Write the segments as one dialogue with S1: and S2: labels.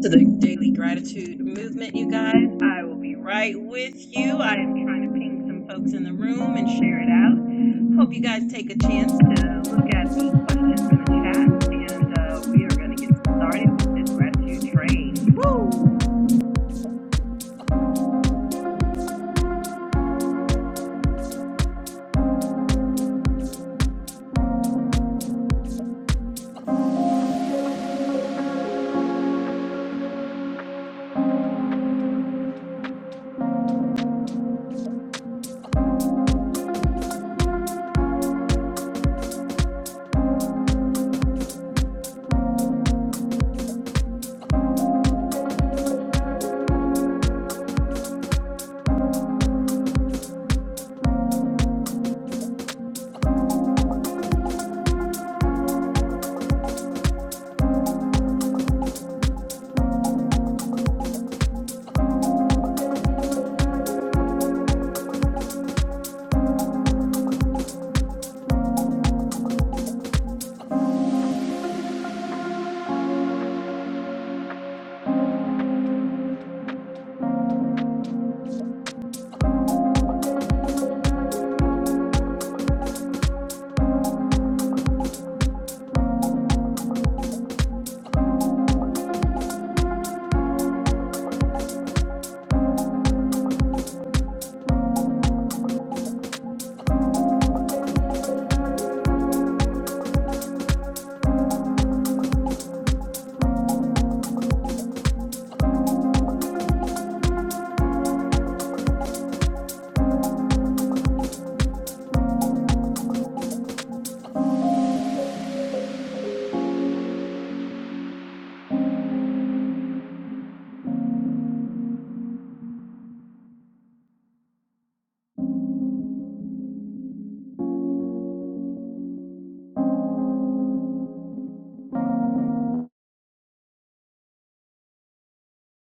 S1: to the Daily Gratitude Movement, you guys. I will be right with you. I am trying to ping some folks in the room and share it out. Hope you guys take a chance to look at the questions in the chat, and uh, we are going to get started with this gratitude train. Woo!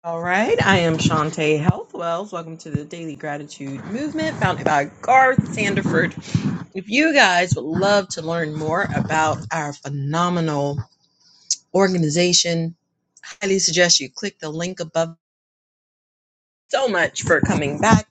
S1: All right, I am Shantae Health Wells. Welcome to the Daily Gratitude Movement, founded by Garth Sanderford. If you guys would love to learn more about our phenomenal organization, I highly suggest you click the link above so much for coming back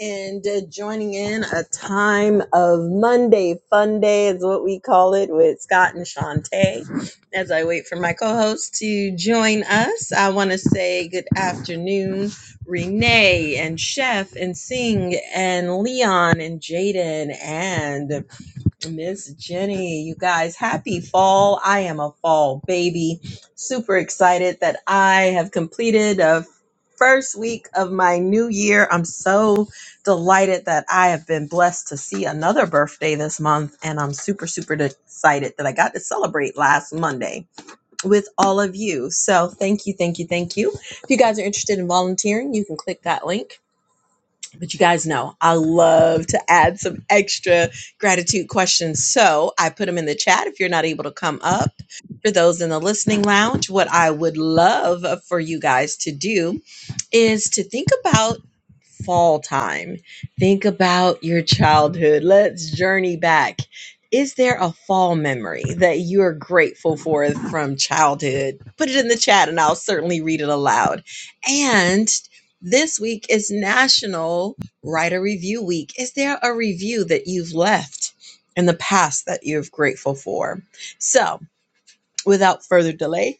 S1: and uh, joining in a time of Monday Fun Day is what we call it with Scott and Shantae. As I wait for my co-host to join us, I want to say good afternoon, Renee and Chef and Sing and Leon and Jaden and Miss Jenny, you guys, happy fall. I am a fall baby. Super excited that I have completed a first week of my new year. I'm so delighted that I have been blessed to see another birthday this month. And I'm super, super excited that I got to celebrate last Monday with all of you. So thank you, thank you, thank you. If you guys are interested in volunteering, you can click that link but you guys know I love to add some extra gratitude questions. So I put them in the chat if you're not able to come up. For those in the listening lounge, what I would love for you guys to do is to think about fall time. Think about your childhood. Let's journey back. Is there a fall memory that you're grateful for from childhood? Put it in the chat and I'll certainly read it aloud. And this week is National Write a Review Week. Is there a review that you've left in the past that you're grateful for? So, without further delay,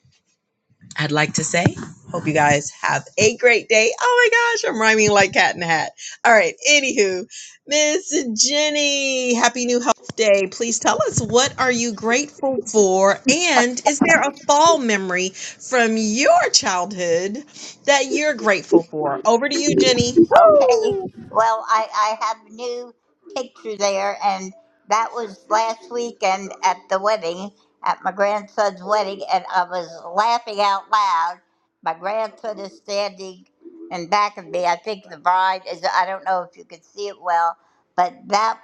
S1: I'd like to say, hope you guys have a great day. Oh my gosh, I'm rhyming like cat in a hat. All right, anywho, Miss Jenny, happy new health day. Please tell us what are you grateful for? And is there a fall memory from your childhood that you're grateful for? Over to you, Jenny.
S2: Okay.
S1: Woo!
S2: Well, I, I have a new picture there, and that was last weekend at the wedding, at my grandson's wedding, and I was laughing out loud. My grandson is standing in back of me. I think the bride is, I don't know if you could see it well, but that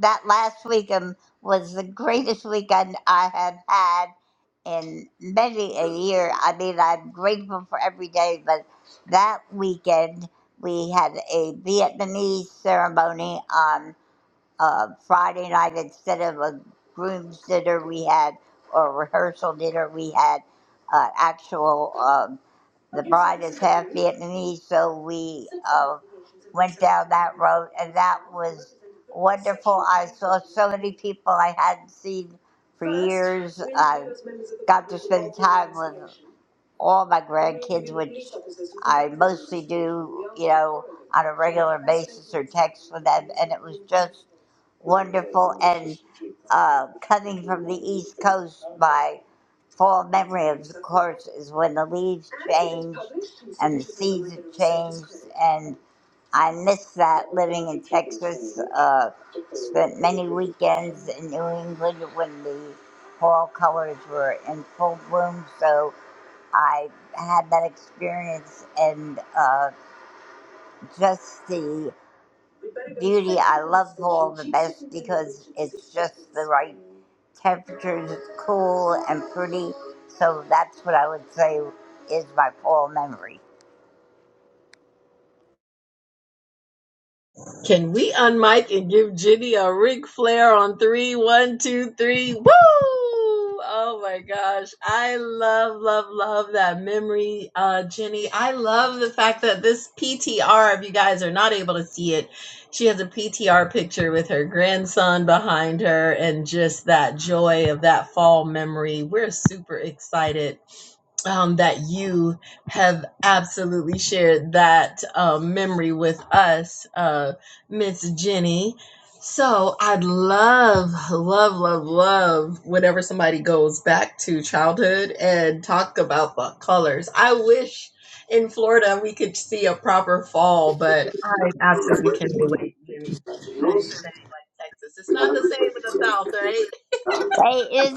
S2: that last weekend was the greatest weekend I had had in many a year. I mean, I'm grateful for every day, but that weekend we had a Vietnamese ceremony on uh, Friday night instead of a groom's dinner. We had or rehearsal dinner. We had uh, actual. um, the bride is half Vietnamese, so we uh, went down that road, and that was wonderful. I saw so many people I hadn't seen for years. I got to spend time with all my grandkids, which I mostly do, you know, on a regular basis or text with them, and it was just wonderful. And uh, coming from the East Coast, my full memory of the course is when the leaves changed and the seasons changed and i miss that living in texas uh, spent many weekends in new england when the fall colors were in full bloom so i had that experience and uh, just the beauty I love fall the best because it's just the right temperatures, it's cool and pretty. So that's what I would say is my fall memory.
S1: Can we unmic and give Ginny a Ric Flair on three? One, two, three. Woo! Oh my gosh. I love, love, love that memory, uh, Jenny. I love the fact that this PTR, if you guys are not able to see it, she has a PTR picture with her grandson behind her and just that joy of that fall memory. We're super excited um, that you have absolutely shared that um, memory with us. uh, Miss Jenny. So I'd love, love, love, love whenever somebody goes back to childhood and talk about the colors. I wish in Florida we could see a proper fall, but I absolutely can relate, Jimmy, to you saying like Texas. It's not the same in the South, right?
S2: It is.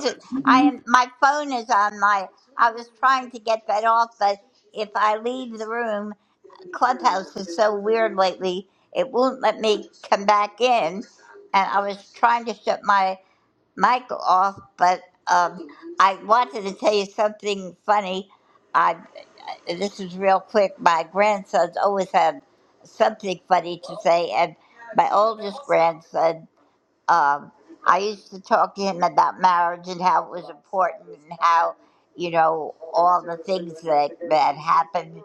S2: I am. My phone is on my. I was trying to get that off, but if I leave the room, Clubhouse is so weird lately. It won't let me come back in, and I was trying to shut my mic off, but um, I wanted to tell you something funny. I this is real quick. My grandsons always have something funny to say, and my oldest grandson um, I used to talk to him about marriage and how it was important and how, you know, all the things that that happened.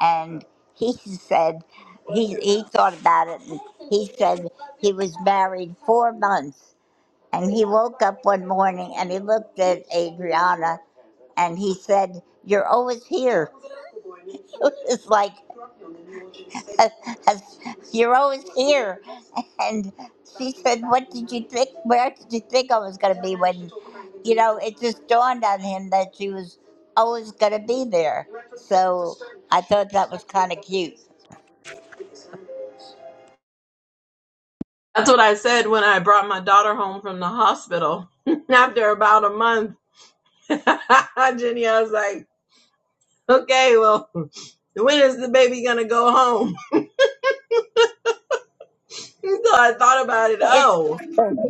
S2: And he said he he thought about it and he said he was married four months and he woke up one morning and he looked at Adriana and he said, "You're always here." It was like. uh, uh, You're always here. And she said, What did you think? Where did you think I was going to be when, you know, it just dawned on him that she was always going to be there. So I thought that was kind of cute.
S1: That's what I said when I brought my daughter home from the hospital after about a month. Jenny, I was like, Okay, well, when is the baby gonna go home? so I thought about it.
S2: It's,
S1: Oh,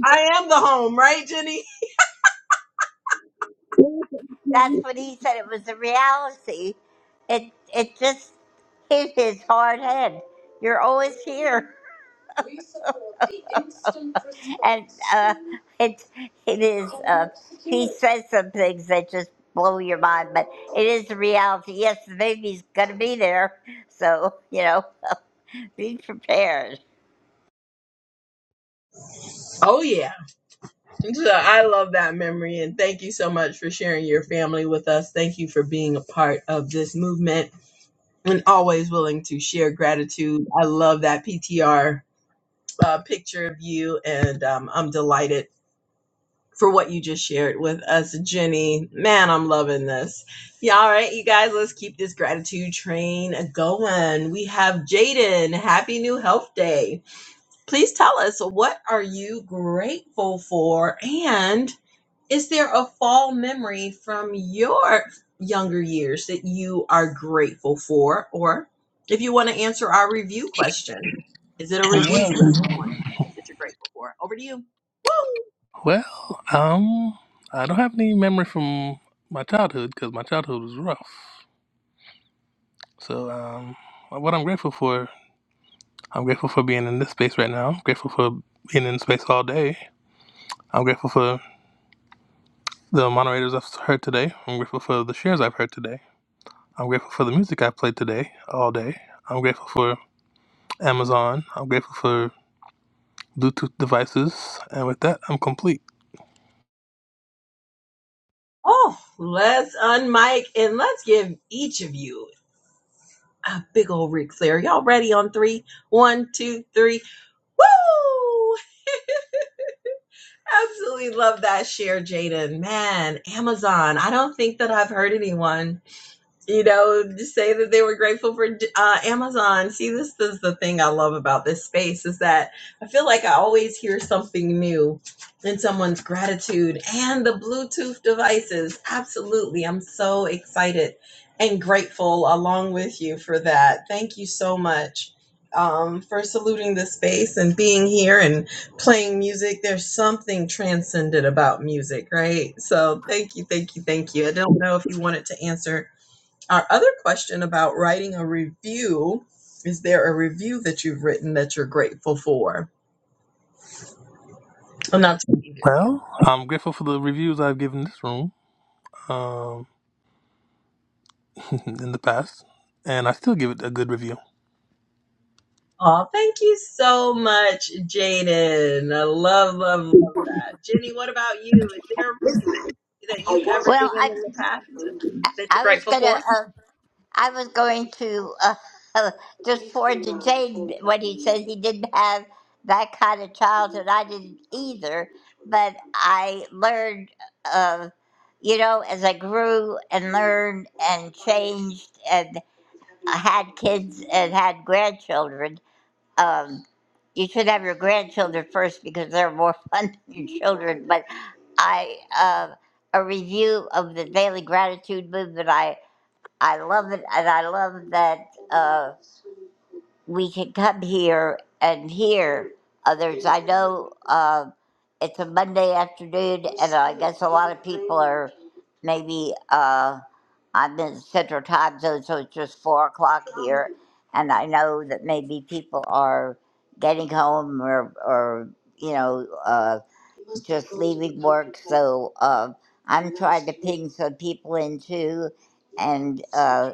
S1: I am the home, right, Jenny?
S2: that's what he said. It was a reality. It, it just hit his hard head. You're always here. and uh, it it is. Uh, he says some things that just blow your mind, but it is the reality. Yes, the baby's gonna be there, so you know, be prepared.
S1: Oh yeah. So I love that memory and thank you so much for sharing your family with us. Thank you for being a part of this movement and always willing to share gratitude. I love that PTR uh, picture of you and um, I'm delighted for what you just shared with us, Jenny. Man, I'm loving this. Yeah, all right, you guys, let's keep this gratitude train going. We have Jaden. Happy New Health Day. Please tell us what are you grateful for, and is there a fall memory from your younger years that you are grateful for, or if you want to answer our review question, is it a review you left on that you're grateful for? Over to you. Woo!
S3: Well, um, I don't have any memory from my childhood because my childhood was rough. So, um, what I'm grateful for, I'm grateful for being in this space right now. I'm grateful for being in space all day. I'm grateful for the moderators I've heard today. I'm grateful for the shares I've heard today. I'm grateful for the music I played today all day. I'm grateful for Amazon. I'm grateful for Bluetooth devices. And with that, I'm complete.
S1: Oh, let's unmic and let's give each of you a big old Ric Flair. Y'all ready on three? One, two, three. Woo! Absolutely love that share, Jaden. Man, Amazon. I don't think that I've heard anyone you know, just say that they were grateful for uh, Amazon. See, this is the thing I love about this space is that I feel like I always hear something new in someone's gratitude and the Bluetooth devices. Absolutely. I'm so excited and grateful along with you for that. Thank you so much um, for saluting the space and being here and playing music. There's something transcendent about music, right? So thank you, thank you, thank you. I don't know if you wanted to answer our other question about writing a review is there a review that you've written that you're grateful for? I'm not taking either of you.
S3: Well, I'm grateful for the reviews I've given this room. Um. in the past, and I still give it a good review.
S1: Oh, thank you so much, Jaden. I love, love, love that. Jenny, what about you? Is there a review that you've ever
S2: Well,
S1: given
S2: I
S1: in the past that you're
S2: I was
S1: grateful
S2: gonna.
S1: for?
S2: Uh, I was going to uh, just forward to Jane what he says. He didn't have that kind of childhood. I didn't either, but I learned, uh, you know, as I grew and learned and changed and I had kids and had grandchildren. Um, you should have your grandchildren first because they're more fun than your children. But I, uh, a review of the Daily Gratitude Movement. I I love it, and I love that uh, we can come here and hear others. I know uh, it's a Monday afternoon, and I guess a lot of people are maybe. Uh, I'm in Central Time Zone, so it's just four o'clock here. And I know that maybe people are getting home or, or you know, uh, just leaving work. So uh, I'm trying to ping some people in too and, uh,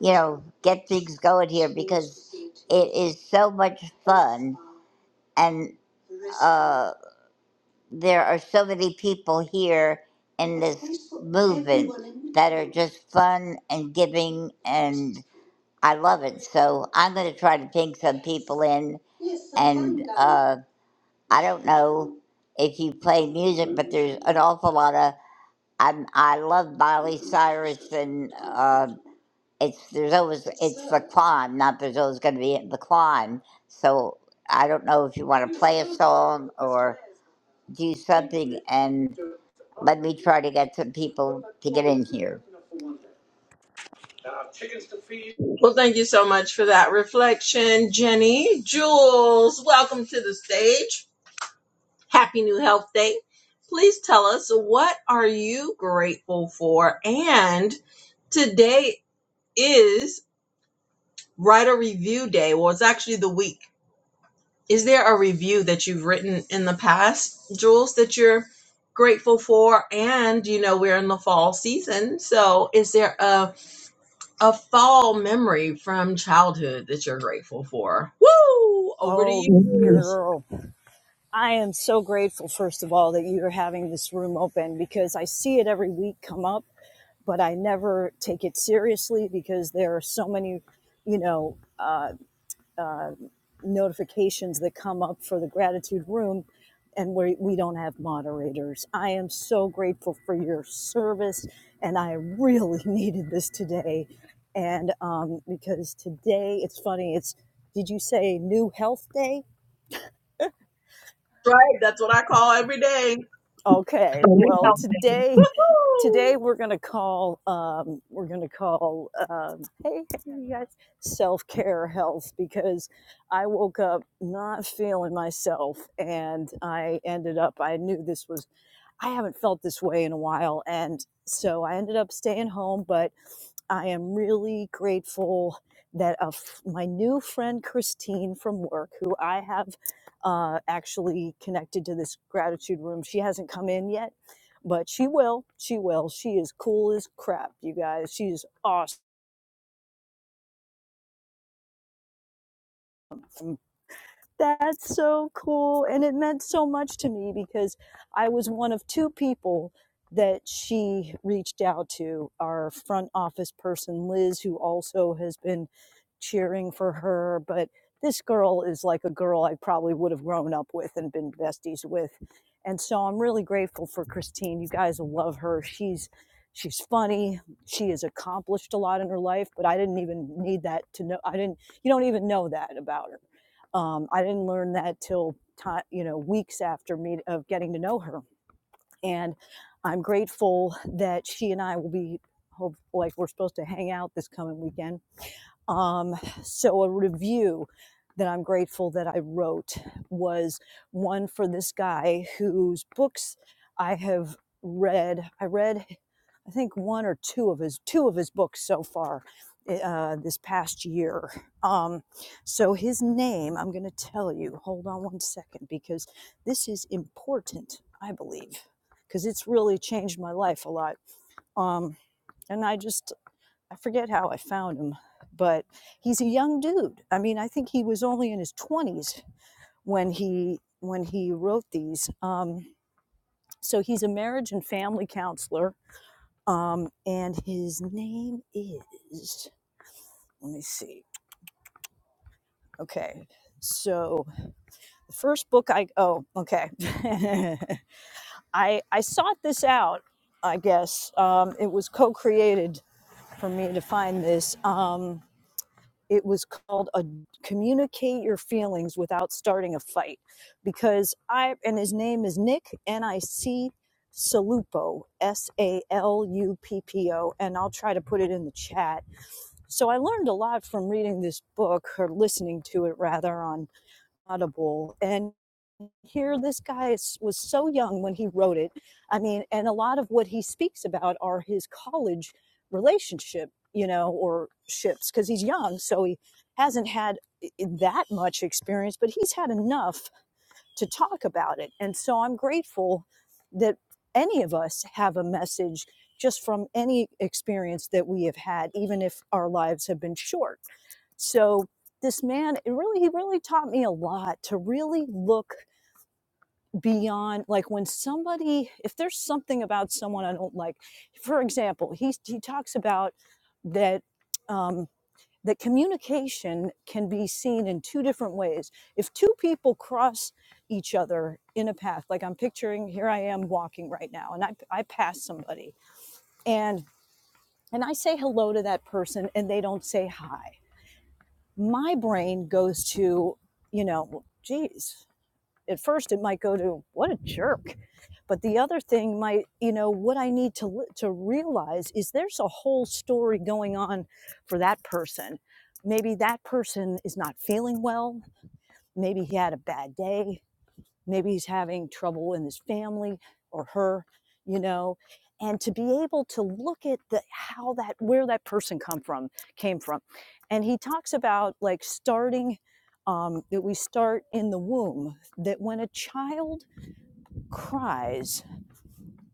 S2: you know, get things going here because it is so much fun. And uh, there are so many people here in this movement that are just fun and giving and I love it. So I'm going to try to ping some people in and uh, I don't know if you play music, but there's an awful lot of I'm, I love Miley Cyrus and uh, it's there's always it's the climb, not there's always going to be the climb. So I don't know if you want to play a song or do something. and. Let me try to get some people to get in here.
S1: Well, thank you so much for that reflection, Jenny. Jules, welcome to the stage. Happy New Health Day. Please tell us what are you grateful for? And today is write a review day. Well, it's actually the week. Is there a review that you've written in the past, Jules, that you're grateful for? And you know, we're in the fall season. So is there a a fall memory from childhood that you're grateful for? Woo! Over to you,
S4: Oh,
S1: Mhm. Jules.
S4: girl. I am so grateful, first of all, that you're having this room open because I see it every week come up, but I never take it seriously because there are so many, you know, uh, uh, notifications that come up for the gratitude room and we, we don't have moderators. I am so grateful for your service and I really needed this today. And um, because today, it's funny, it's, did you say New Health Day?
S1: Right, that's what I call every day.
S4: Okay, well
S1: Woo!
S4: today today we're gonna call um, we're gonna call um, hey hey you guys self care health because I woke up not feeling myself and I ended up I knew this was I haven't felt this way in a while. And so I ended up staying home, but I am really grateful that a f- my new friend Christine from work, who I have uh, actually connected to this gratitude room, she hasn't come in yet, but she will. She will. She is cool as crap, you guys. She is awesome. That's so cool. And it meant so much to me because I was one of two people that she reached out to our front office person, Liz, who also has been cheering for her. But this girl is like a girl I probably would have grown up with and been besties with. And so I'm really grateful for Christine. You guys love her. She's she's funny. She has accomplished a lot in her life, but I didn't even need that to know. I didn't you don't even know that about her um, I didn't learn that till ti you know weeks after me of getting to know her, and I'm grateful that she and I will be hope like we're supposed to hang out this coming weekend um, so, a review that I'm grateful that I wrote was one for this guy whose books I have read. I read, I think, one or two of his two of his books so far eh, uh, this past year. Um, so, his name, I'm going to tell you. Hold on one second because this is important, I believe, because it's really changed my life a lot. Um, and I just I forget how I found him, but he's a young dude. I mean, I think he was only in his 20s when he when he wrote these. Um, so he's a marriage and family counselor, um, and his name is. Let me see. Okay, so the first book I oh okay, I I sought this out. I guess um, it was co-created for me to find this. Um, it was called a communicate your feelings without starting a fight because i and his name is nick n-i-c salupo s-a-l-u-p-p-o S A L U P P O, and i'll try to put it in the chat so i learned a lot from reading this book or listening to it rather on audible and here this guy was so young when he wrote it i mean and a lot of what he speaks about are his college relationship you know or ships because he's young so he hasn't had that much experience but he's had enough to talk about it and so i'm grateful that any of us have a message just from any experience that we have had even if our lives have been short so this man it really he really taught me a lot to really look beyond like when somebody if there's something about someone i don't like for example he he talks about that um that communication can be seen in two different ways if two people cross each other in a path like i'm picturing here i am walking right now and i i pass somebody and and i say hello to that person and they don't say hi my brain goes to you know well, geez at first it might go to what a jerk but the other thing might you know what i need to to realize is there's a whole story going on for that person maybe that person is not feeling well maybe he had a bad day maybe he's having trouble in his family or her you know and to be able to look at the how that where that person come from came from and he talks about like starting um, that we start in the womb that when a child cries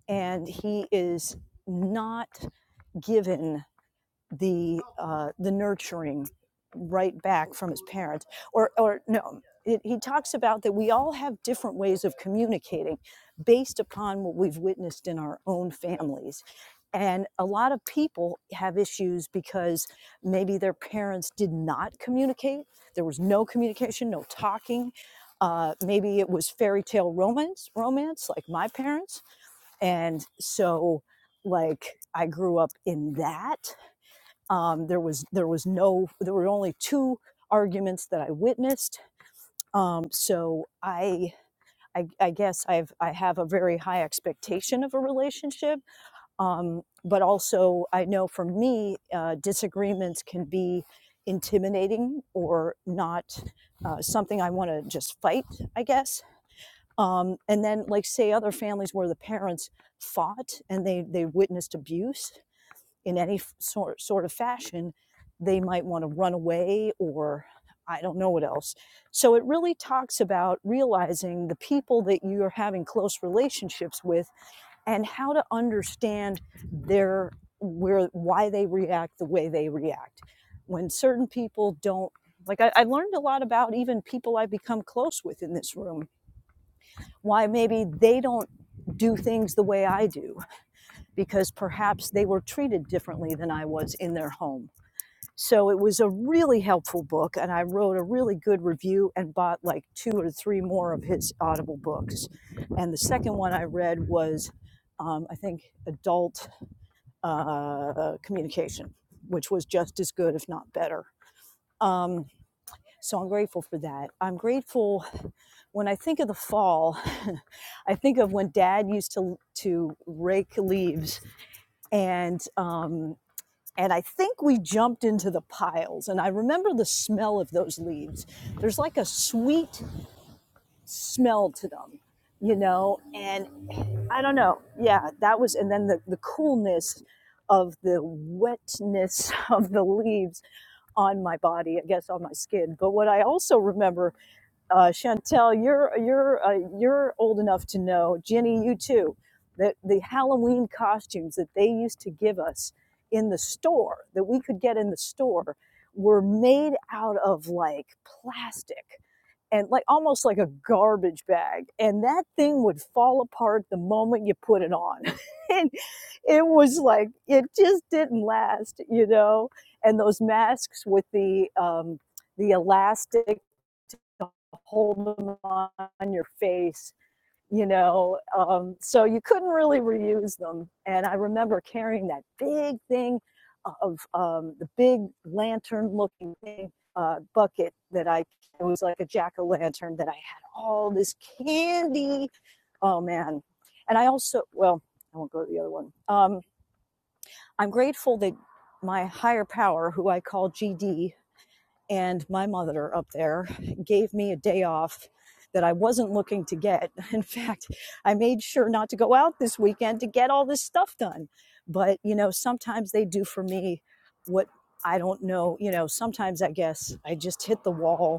S4: and he is not given the uh, the nurturing right back from his parents or or no it, he talks about that we all have different ways of communicating based upon what we've witnessed in our own families and a lot of people have issues because maybe their parents did not communicate there was no communication no talking uh, maybe it was fairy tale romance romance like my parents and so like i grew up in that um, there was there was no there were only two arguments that I witnessed. Um, so I, I I guess I've I have a very high expectation of a relationship, um, but also I know for me uh, disagreements can be intimidating or not uh, something I want to just fight. I guess. Um, and then like say other families where the parents fought and they they witnessed abuse in any sort, sort of fashion, they might want to run away or I don't know what else. So it really talks about realizing the people that you are having close relationships with and how to understand their where why they react the way they react. When certain people don't like I, I learned a lot about even people I've become close with in this room, why maybe they don't do things the way I do because perhaps they were treated differently than I was in their home. So it was a really helpful book, and I wrote a really good review and bought like two or three more of his Audible books. And the second one I read was, um, I think, Adult uh, Communication, which was just as good, if not better. Um, so I'm grateful for that. I'm grateful when I think of the fall. I think of when Dad used to to rake leaves and um, and I think we jumped into the piles. And I remember the smell of those leaves. There's like a sweet smell to them, you know? And I don't know. Yeah, that was, and then the, the coolness of the wetness of the leaves on my body, I guess on my skin. But what I also remember uh, Chantel, you're you're uh, you're old enough to know, Jenny, you too, that the Halloween costumes that they used to give us in the store that we could get in the store were made out of like plastic and like almost like a garbage bag and that thing would fall apart the moment you put it on and it was like it just didn't last you know and those masks with the um the elastic to hold them on your face you know um, so you couldn't really reuse them and i remember carrying that big thing of um, the big lantern looking thing uh, bucket that i it was like a jack-o'-lantern that i had all this candy oh man and i also well i won't go to the other one um, i'm grateful that my higher power who i call gd and my mother up there gave me a day off that I wasn't looking to get. In fact, I made sure not to go out this weekend to get all this stuff done. But, you know, sometimes they do for me what I don't know. You know, sometimes I guess I just hit the wall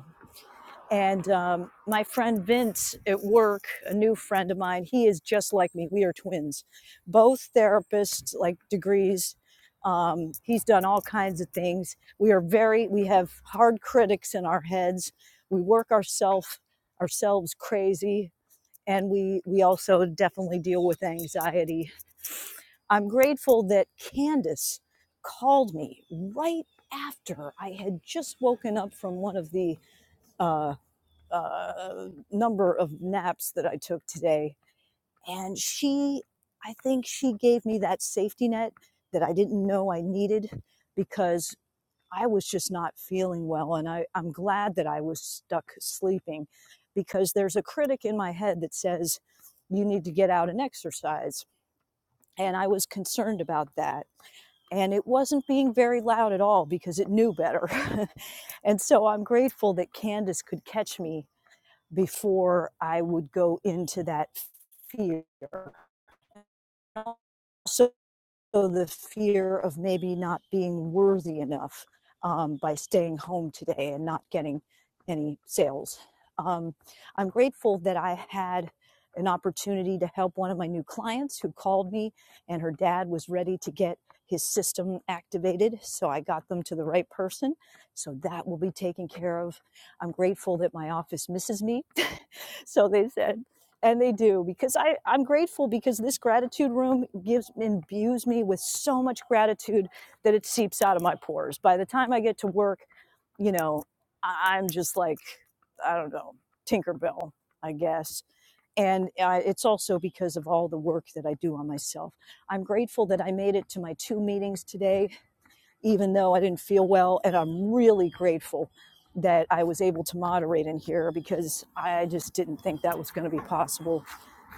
S4: and um, my friend Vince at work, a new friend of mine, he is just like me. We are twins, both therapists, like degrees. Um, he's done all kinds of things. We are very, we have hard critics in our heads. We work ourself, ourselves crazy, and we we also definitely deal with anxiety. I'm grateful that Candace called me right after I had just woken up from one of the uh, uh, number of naps that I took today. And she, I think she gave me that safety net that I didn't know I needed because I was just not feeling well. And I, I'm glad that I was stuck sleeping because there's a critic in my head that says, you need to get out and exercise. And I was concerned about that. And it wasn't being very loud at all because it knew better. and so I'm grateful that Candace could catch me before I would go into that fear. So so the fear of maybe not being worthy enough um, by staying home today and not getting any sales. Um, I'm grateful that I had an opportunity to help one of my new clients who called me, and her dad was ready to get his system activated. So I got them to the right person. So that will be taken care of. I'm grateful that my office misses me. so they said, and they do because I, i'm grateful because this gratitude room gives imbues me with so much gratitude that it seeps out of my pores by the time i get to work you know I- i'm just like i don't know tinkerbell i guess and uh, it's also because of all the work that i do on myself i'm grateful that i made it to my two meetings today even though i didn't feel well and i'm really grateful that i was able to moderate in here because i just didn't think that was going to be possible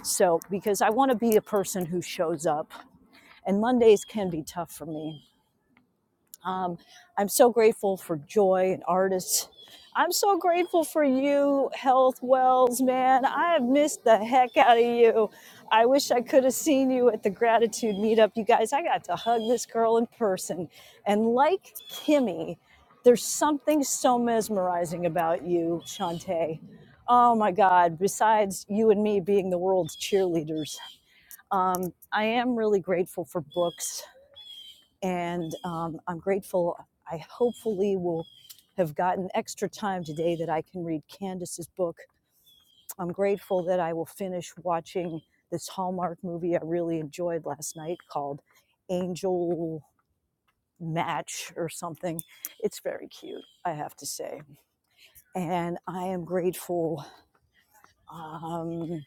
S4: so, because I want to be a person who shows up, and Mondays can be tough for me. Um, I'm so grateful for joy and artists. I'm so grateful for you, Health Wells, man. I have missed the heck out of you. I wish I could have seen you at the gratitude meetup. You guys, I got to hug this girl in person. And like Kimmy, there's something so mesmerizing about you, Shantae. Oh my God, besides you and me being the world's cheerleaders um, I am really grateful for books, and um, I'm grateful. I hopefully will have gotten extra time today that I can read Candace's book. I'm grateful that I will finish watching this Hallmark movie I really enjoyed last night called Angel Match or something. It's very cute, I have to say. And I am grateful um,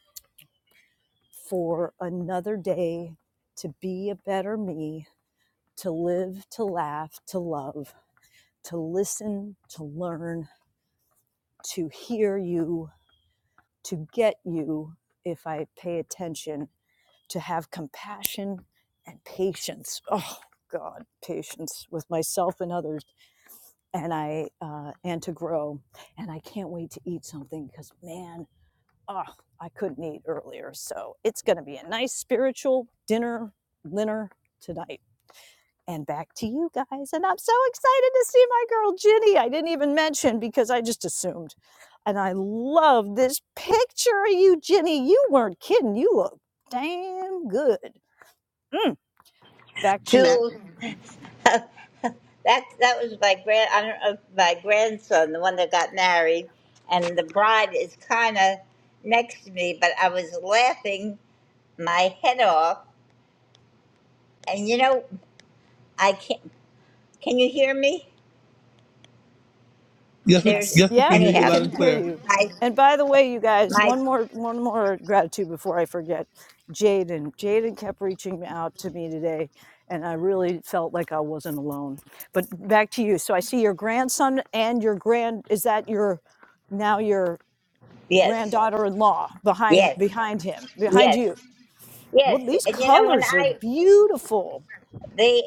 S4: for another day to be a better me to live, to laugh, to love, to listen, to learn, to hear you, to get you if I pay attention, to have compassion and patience. Oh, God, patience with myself and others, and I uh, and to grow. And I can't wait to eat something because, man, oh, I couldn't eat earlier. So it's going to be a nice spiritual dinner, dinner tonight. and back to you guys. And I'm so excited to see my girl Ginny. I didn't even mention because I just assumed. And I love this picture of you, Ginny. You weren't kidding. You look damn good. Mm, back to you.
S2: Jules, that that was my grand I don't know, my grandson, the one that got married, and the bride is kind of next to me, but I was laughing my head off, and you know I can't. Can you hear me?
S3: Yes, we
S2: There's
S4: Yes.
S3: yes we can
S4: Yep,
S3: hear you
S4: we
S2: anyhow
S3: loud
S4: can
S3: and
S4: hear
S3: clear.
S4: you.
S2: my
S4: And by the way, you guys,
S2: my
S4: one more one more gratitude before I forget. Jaden. Jaden kept reaching out to me today and I really felt like I wasn't alone. But back to you. So I see your grandson and your grand is that your now your
S2: yes
S4: granddaughter-in-law behind
S2: yes
S4: behind him, behind
S2: yes
S4: you. Well,
S2: yes,
S4: these
S2: and you know when
S4: colors are
S2: I
S4: beautiful.
S2: they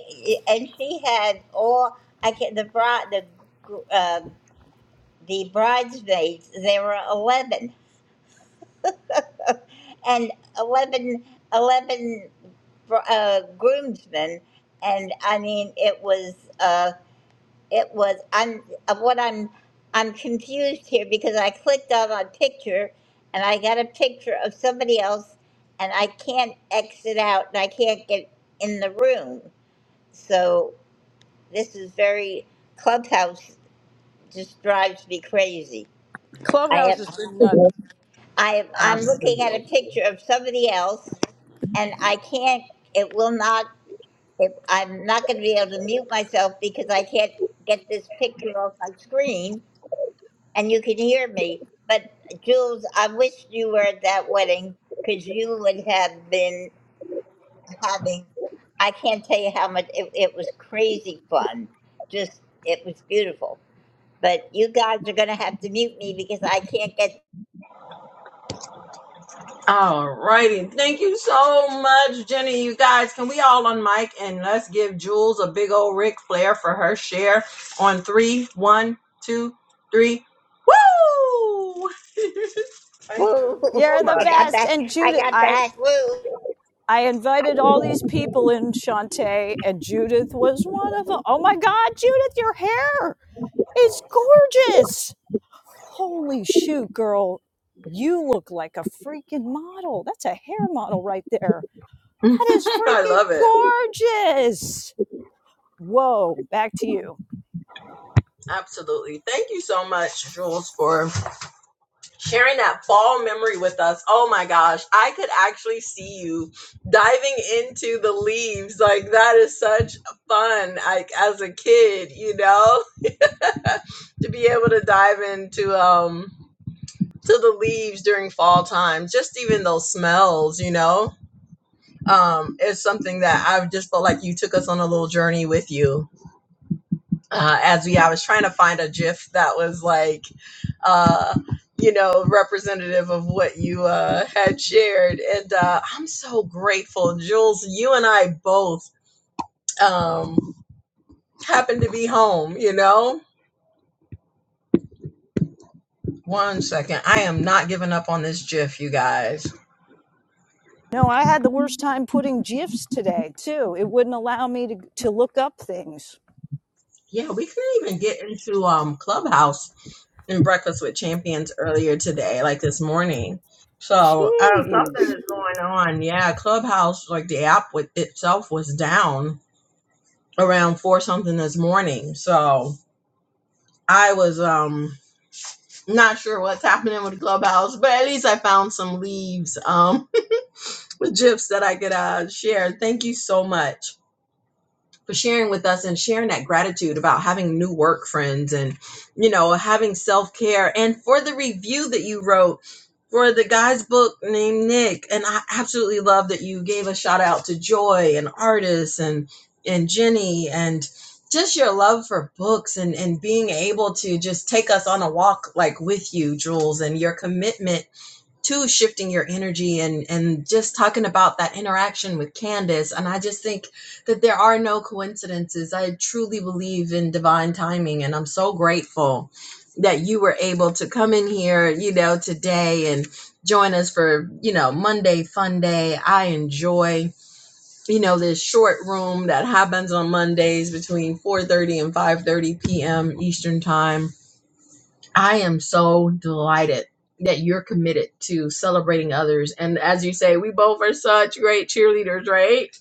S2: and she had all I can the bride the. uh, the bridesmaids, there were 11, and 11, eleven, uh, groomsmen. And I mean, it was, uh, it was, I'm, uh, what I'm, I'm confused here because I clicked on a picture and I got a picture of somebody else and I can't exit out and I can't get in the room. So this is very, Clubhouse just drives me crazy. I
S4: Clubhouse
S2: have.
S4: has been nuts.
S1: All
S2: I, I'm looking at a picture of somebody else and I can't, it will not, it, I'm not going to be able to mute myself because I can't get this picture off my screen and you can hear me. But Jules, I wish you were at that wedding because you would have been having, I can't tell you how much, it, it was crazy fun. Just, it was beautiful. But you guys are going to have to mute me because I can't get,
S1: righty. Thank you so much, Jenny. You guys, can we all on and let's give Jules a big old Ric Flair for her share on three, one, two, three. Woo! Thank you.
S2: woo,
S4: You're the
S2: I got
S4: best.
S2: that,
S4: And
S2: I
S4: Judith,
S2: got
S4: I
S2: that, woo.
S4: I invited all these people in, Shantae, and Judith was one of them. Oh my God, Judith, your hair is gorgeous. holy shoot, girl, you look like a freaking model. That's a hair model right there. That is
S1: I
S4: freaking
S1: love it.
S4: gorgeous. Whoa, back to you.
S1: Absolutely. Thank you so much, Jules, for sharing that fall memory with us. Oh my gosh, I could actually see you diving into the leaves. Like that is such fun. Like as a kid, you know, to be able to dive into um to the leaves during fall time, just even those smells, you know. Um, is something that I've just felt like you took us on a little journey with you. uh, as we I was trying to find a GIF that was like, uh, you know, representative of what you uh, had shared, and uh, I'm so grateful, Jules. You and I both um, happened to be home. You know, one second, I am not giving up on this GIF, you guys.
S4: No, I had the worst time putting GIFs today, too. It wouldn't allow me to, to look up things.
S1: Yeah, we couldn't even get into um, Clubhouse in Breakfast with Champions earlier today, like this morning. So uh, something
S4: Jeez.
S1: is going on. Yeah, Clubhouse, like the app with itself, was down around four something this morning. So I was um not sure what's happening with Clubhouse, but at least I found some leaves um with gifs that I could uh share. Thank you so much for sharing with us and sharing that gratitude about having new work friends and you know having self-care and for the review that you wrote for the guy's book named Nick and I absolutely love that you gave a shout out to Joy and Artis and and Jenny and just your love for books and and being able to just take us on a walk like with you Jules and your commitment to shifting your energy and and just talking about that interaction with candace and i just think that there are no coincidences i truly believe in divine timing and i'm so grateful that you were able to come in here you know today and join us for you know monday fun day i enjoy you know this short room that happens on mondays between 4:30 and 5:30 p.m eastern time I am so delighted that you're committed to celebrating others. And as you say, we both are such great cheerleaders, right?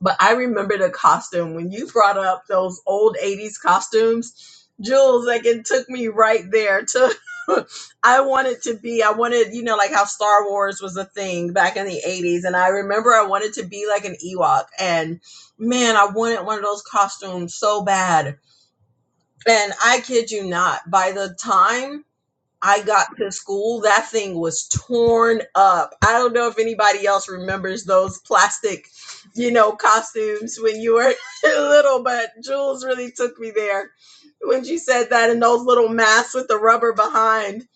S1: But I remember the costume when you brought up those old 80s costumes. Jules, like it took me right there to I wanted to be, I wanted, you know, like how Star Wars was a thing back in the 80s. And I remember I wanted to be like an Ewok. And man, I wanted one of those costumes so bad. And I kid you not, by the time I got to school, that thing was torn up. I don't know if anybody else remembers those plastic, you know, costumes when you were little, but Jules really took me there when she said that and those little masks with the rubber behind.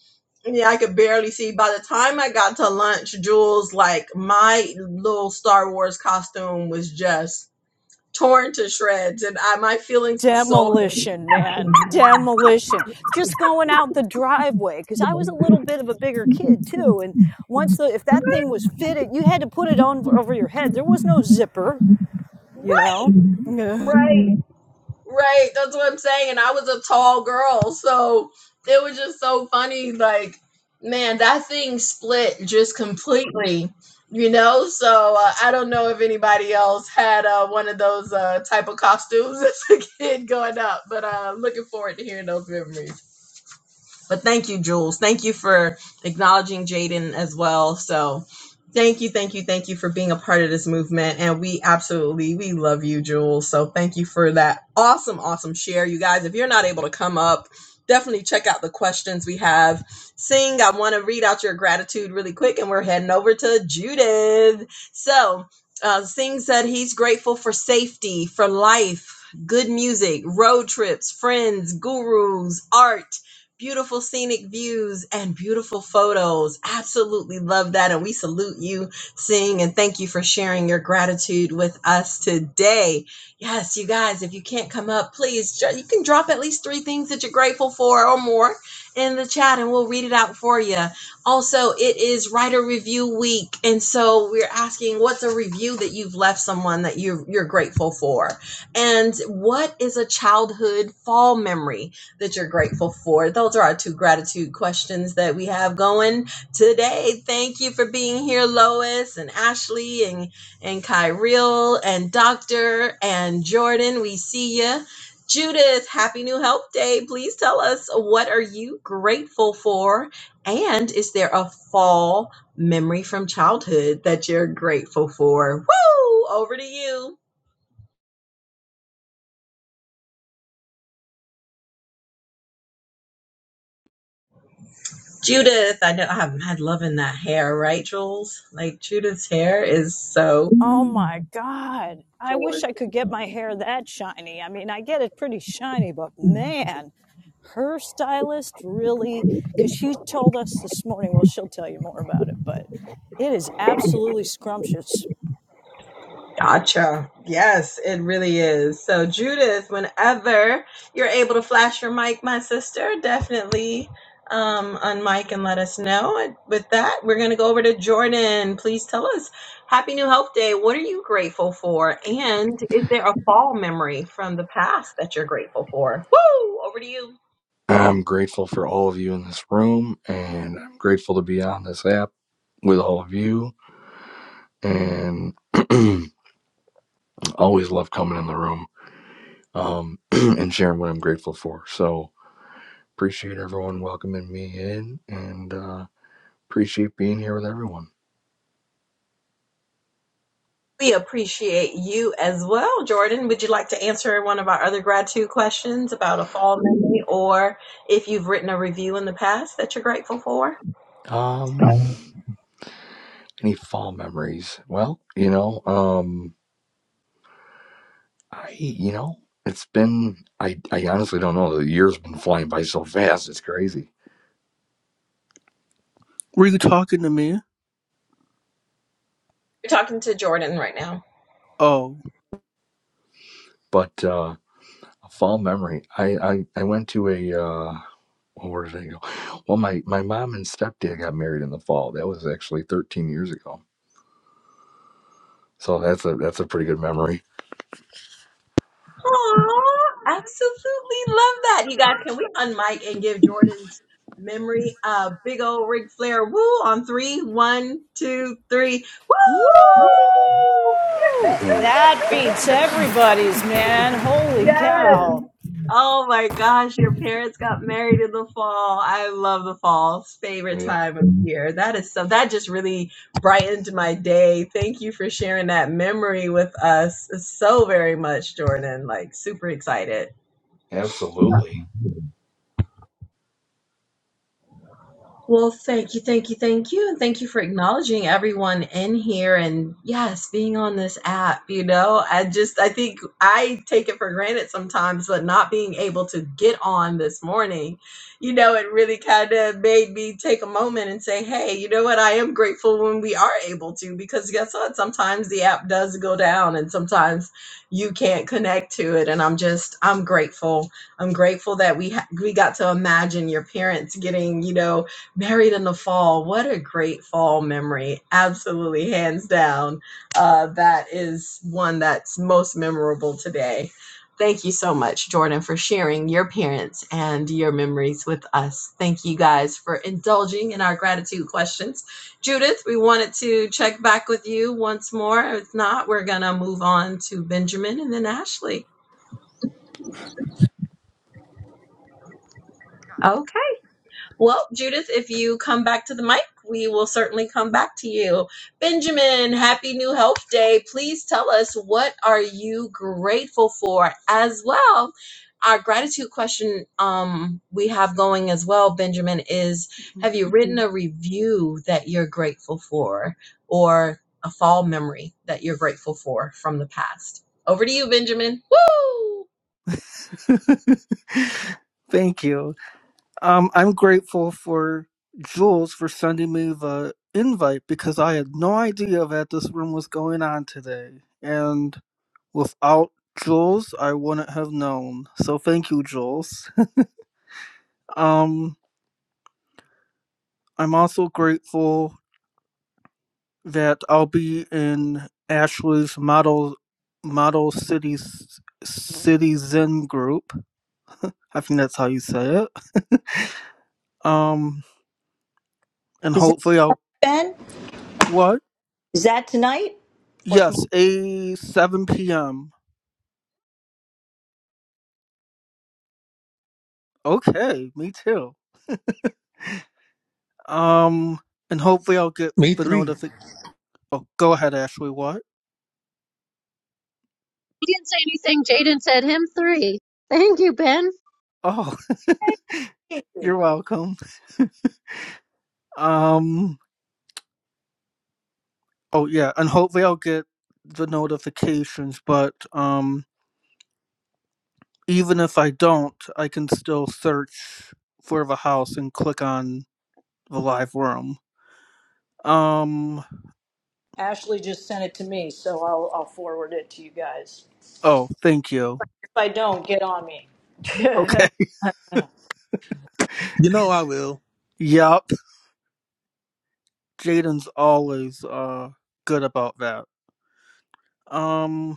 S1: Yeah, I could barely see. By the time I got to lunch, Jules, like my little Star Wars costume was just torn to shreds, and I, my feelings were so
S4: Demolition, man. Demolition. Just going out the driveway, because I was a little bit of a bigger kid, too. And once the, if that thing was fitted, you had to put it on over your head. There was no zipper you
S1: right,
S4: know?
S1: right. Right, that's what I'm saying. And I was a tall girl, so it was just so funny. Like, man, that thing split just completely, you know. So uh, I don't know if anybody else had uh, one of those uh, type of costumes as a kid growing up, but uh, looking forward to hearing those memories. But thank you, Jules. Thank you for acknowledging Jaden as well. So thank you, thank you, thank you for being a part of this movement. And we absolutely we love you, Jules. So thank you for that awesome, awesome share. You guys, if you're not able to come up, definitely check out the questions we have. Sing, I want to read out your gratitude really quick, and we're heading over to Judith. So uh, Singh said he's grateful for safety, for life, good music, road trips, friends, gurus, art beautiful scenic views and beautiful photos. Absolutely love that. And we salute you, Sing, and thank you for sharing your gratitude with us today. Yes, you guys, if you can't come up, please, ju- you can drop at least three things that you're grateful for or more in the chat and we'll read it out for you. Also, it is writer review week. And so we're asking what's a review that you've left someone that you're, you're grateful for? And what is a childhood fall memory? that you're grateful for. Those are our two gratitude questions that we have going today. Thank you for being here, Lois and Ashley and, and Kyriel and Doctor and Jordan. We see you. Judith, happy new help day. Please tell us what are you grateful for? And is there a fall memory from childhood that you're grateful for? Woo! Over to you. Judith, I know I haven't had love in that hair, right, Jules? Like Judith's hair is so
S4: oh my God. I wish I could get my hair that shiny. I mean, I get it pretty shiny, but man, her stylist really, because she told us this morning, well, she'll tell you more about it, but it is absolutely scrumptious.
S1: gotcha. Yes, it really is. So, Judith, whenever you're able to flash your mic, my sister, definitely um, unmic and let us know. And with that, we're going to go over to Jordan. Please tell us Happy New Health Day. What are you grateful for? And is there a fall memory from the past that you're grateful for? Woo! Over to you.
S5: I'm grateful for all of you in this room, and I'm grateful to be on this app with all of you. And always love coming in the room um, and sharing what I'm grateful for. So appreciate everyone welcoming me in, and uh, appreciate being here with everyone.
S1: We appreciate you as well, Jordan. Would you like to answer one of our other gratitude questions about a fall memory or if you've written a review in the past that you're grateful for?
S5: Um, any fall memories? Well, you know, um, I you know, it's been I I honestly don't know. The year's been flying by so fast. It's crazy,
S6: Were you talking to me?
S1: You're talking to Jordan right now.
S6: Oh.
S5: but. uh, a fall memory. I, I, I went to a, uh, well, where did I go? Well, my, my mom and stepdad got married in the fall. That was actually 13 years ago. So that's a, that's a pretty good memory.
S1: Aw, absolutely love that. You guys, can we unmic and give Jordan's memory a big old Ric Flair woo on three? One, two, three.
S4: Woo! That
S1: Woo!
S4: beats everybody's, man. Holy
S1: Yes.
S4: cow.
S1: Oh my gosh, your parents got married in the fall. I love the fall. It's favorite
S5: yeah,
S1: time of year. That is so that just really brightened my day. Thank you for sharing that memory with us so very much, Jordan. Like super excited.
S5: absolutely.
S1: Well, thank you, thank you, thank you. And thank you for acknowledging everyone in here and yes, being on this app. You know, I just, I think I take it for granted sometimes, but not being able to get on this morning, you know, it really kind of made me take a moment and say, hey, you know what? I am grateful when we are able to because guess what? Sometimes the app does go down and sometimes you can't connect to it. And I'm just, I'm grateful. I'm grateful that we, ha- we got to imagine your parents getting, you know, Married in the Fall. What a great fall memory. Absolutely, hands down. Uh, that is one that's most memorable today. Thank you so much, Jordan, for sharing your parents and your memories with us. Thank you guys for indulging in our gratitude questions. Judith, we wanted to check back with you once more. If not, we're going to move on to Benjamin and then Ashley. Okay. Well, Judith, if you come back to the mic, we will certainly come back to you. Benjamin, happy New Health Day. Please tell us what are you grateful for as well. Our gratitude question um, we have going as well, Benjamin, is
S6: Mhm.
S1: have you written a review that you're grateful for or a fall memory that you're grateful for from the past? Over to you, Benjamin. Woo!
S6: Thank you. Um, I'm grateful for Jules for sending me the invite because I had no idea that this room was going on today. And without Jules, I wouldn't have known. So thank you, Jules. Um, I'm also grateful that I'll be in Ashley's model model cities citizen group. I think that's how you say it. Um, and
S4: Is that
S6: hopefully I'll
S4: Ben?
S6: what?
S4: Is that tonight or tomorrow?
S6: Yes, a seven p.m. Okay, me too. Um, and hopefully I'll get
S3: Me
S6: the
S3: three.
S6: notification. Oh, go ahead, Ashley. What?
S7: He didn't say anything. Jaden said him three. Thank you, Ben.
S6: Oh, you're welcome. Um, oh yeah, and hopefully I'll get the notifications. But um, even if I don't, I can still search for the house and click on the live room. Um.
S4: Ashley just sent it to me, so I'll, I'll forward it to you guys.
S6: Oh, thank you.
S4: I don't, get on me.
S6: Okay.
S4: Woo,
S3: You know I will.
S6: Yup, Jaden's always uh good about that. Um,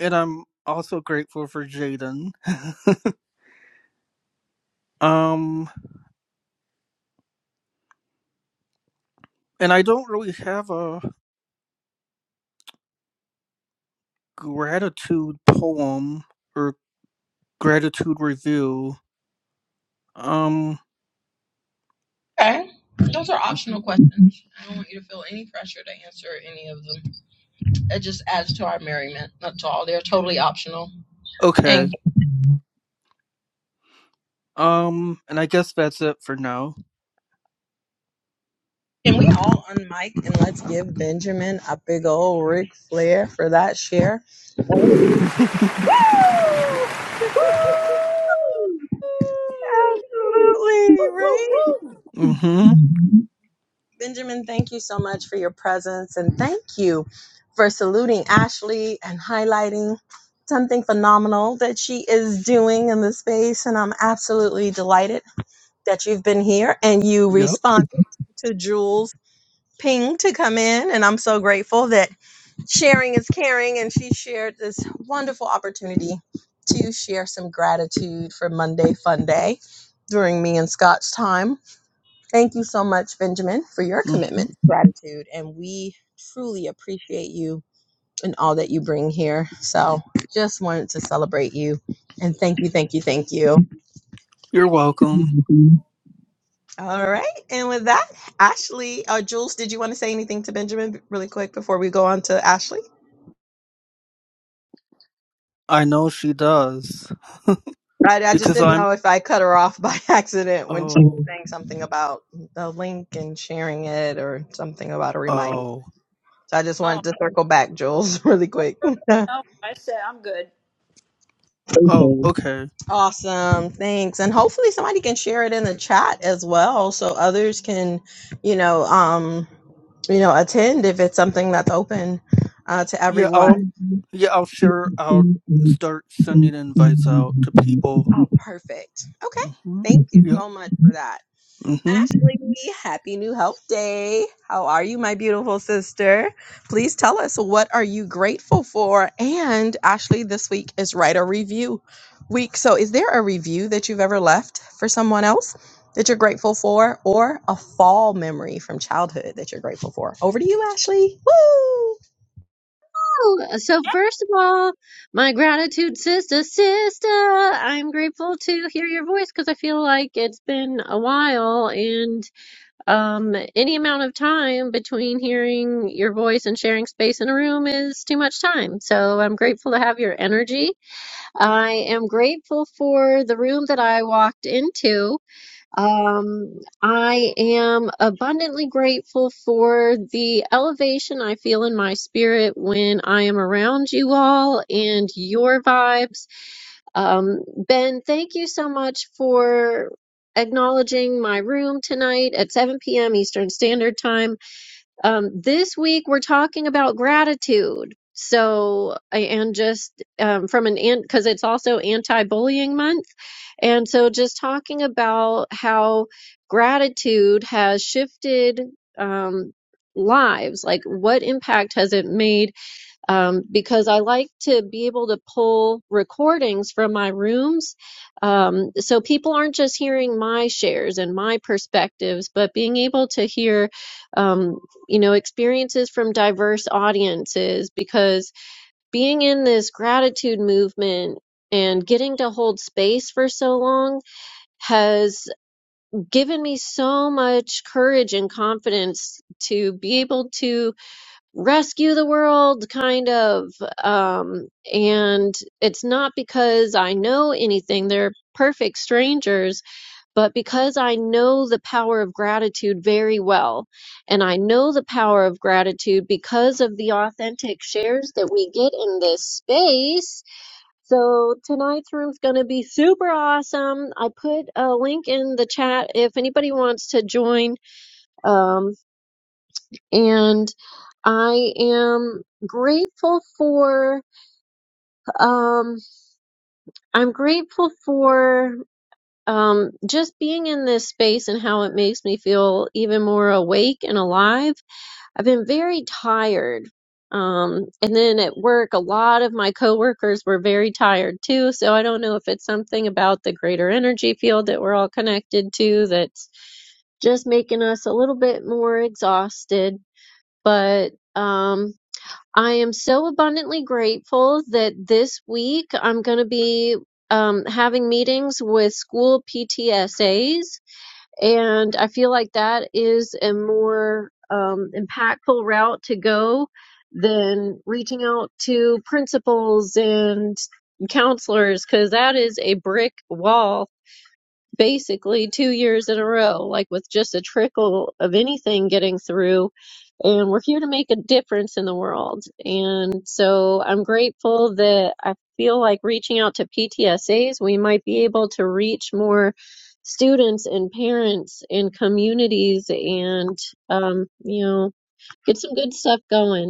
S6: and I'm also grateful for Jaden. um, and I don't really have a gratitude poem or gratitude review. Um, Mhm. okay. Um, and I guess that's it for now.
S1: Can we all unmic and let's give Benjamin a big old Ric Flair for that share?
S7: Woo!
S1: Absolutely,
S4: woo,
S1: right?
S4: woo.
S6: mm-hmm.
S1: Benjamin, thank you so much for your presence and thank you for saluting Ashley and highlighting something phenomenal that she is doing in the space. And I'm absolutely delighted that you've been here and you
S6: Yep.
S1: responded to Jules' ping to come in. And I'm so grateful that sharing is caring, and she shared this wonderful opportunity to share some gratitude for Monday Fun Day during me and Scott's time. Thank you so much, Benjamin, for your
S6: Mm-hmm.
S1: commitment, to gratitude, and we truly appreciate you and all that you bring here. So, just wanted to celebrate you and thank you, thank you, thank you.
S6: You're welcome.
S1: All right, and with that, Ashley, uh, Jules, did you want to say anything to Benjamin really quick before we go on to Ashley?
S6: I know she does
S1: I, I just
S6: because
S1: didn't
S6: I'm.
S1: know if I cut her off by accident when
S6: Oh.
S1: saying something about the link and sharing it or something about a reminder.
S6: Oh.
S1: So I just
S4: Oh,
S1: wanted to circle back, Jules, really
S4: no,
S1: quick.
S4: no, I said I'm good.
S6: Oh. Okay.
S1: awesome. Thanks. And hopefully somebody can share it in the chat as well so others can, you know, um, you know, attend if it's something that's open uh, to
S6: Yeah. I'll
S1: everyone.
S6: Yeah, I'll share. I'll start sending invites out to people.
S1: Oh, perfect. Okay.
S6: Mm-hmm.
S1: Thank you
S6: Yep.
S1: so much for that.
S6: Mm-hmm.
S1: Ashley, happy new health day. How are you, my beautiful sister? Please tell us what are you grateful for? And Ashley, this week is write a review week. So is there a review that you've ever left for someone else that you're grateful for or a fall memory from childhood that you're grateful for? Over to you, Ashley. Woo!
S7: So
S4: Yeah,
S7: first of all, my gratitude, sister, sister. I'm grateful to hear your voice because I feel like it's been a while, and um, any amount of time between hearing your voice and sharing space in a room is too much time. So I'm grateful to have your energy. I am grateful for the room that I walked into Um, I am abundantly grateful for the elevation I feel in my spirit when I am around you all and your vibes. Um, Ben, thank you so much for acknowledging my room tonight at 7 p.m. Eastern Standard Time. Um, this week we're talking about gratitude. So, and just um, from an ant, because it's also anti-bullying month. And so just talking about how gratitude has shifted um, lives, like what impact has it made um, because I like to be able to pull recordings from my rooms. Um, so people aren't just hearing my shares and my perspectives, but being able to hear, um, you know, experiences from diverse audiences because being in this gratitude movement and getting to hold space for so long has given me so much courage and confidence to be able to rescue the world kind of um and it's not because i know anything they're perfect strangers but because i know the power of gratitude very well and i know the power of gratitude because of the authentic shares that we get in this space so tonight's room's going to be super awesome i put a link in the chat if anybody wants to join Um and I am grateful for um I'm grateful for um just being in this space and how it makes me feel even more awake and alive. I've been very tired. Um and then at work a lot of my coworkers were very tired too, so I don't know if it's something about the greater energy field that we're all connected to that's just making us a little bit more exhausted, but um I am so abundantly grateful that this week I'm going to be um, having meetings with school PTSAs, and I feel like that is a more um, impactful route to go than reaching out to principals and counselors because that is a brick wall basically two years in a row, like with just a trickle of anything getting through. And we're here to make a difference in the world. And so I'm grateful that I feel like reaching out to PTSAs, we might be able to reach more students and parents and communities and, um, you know, get some good stuff going.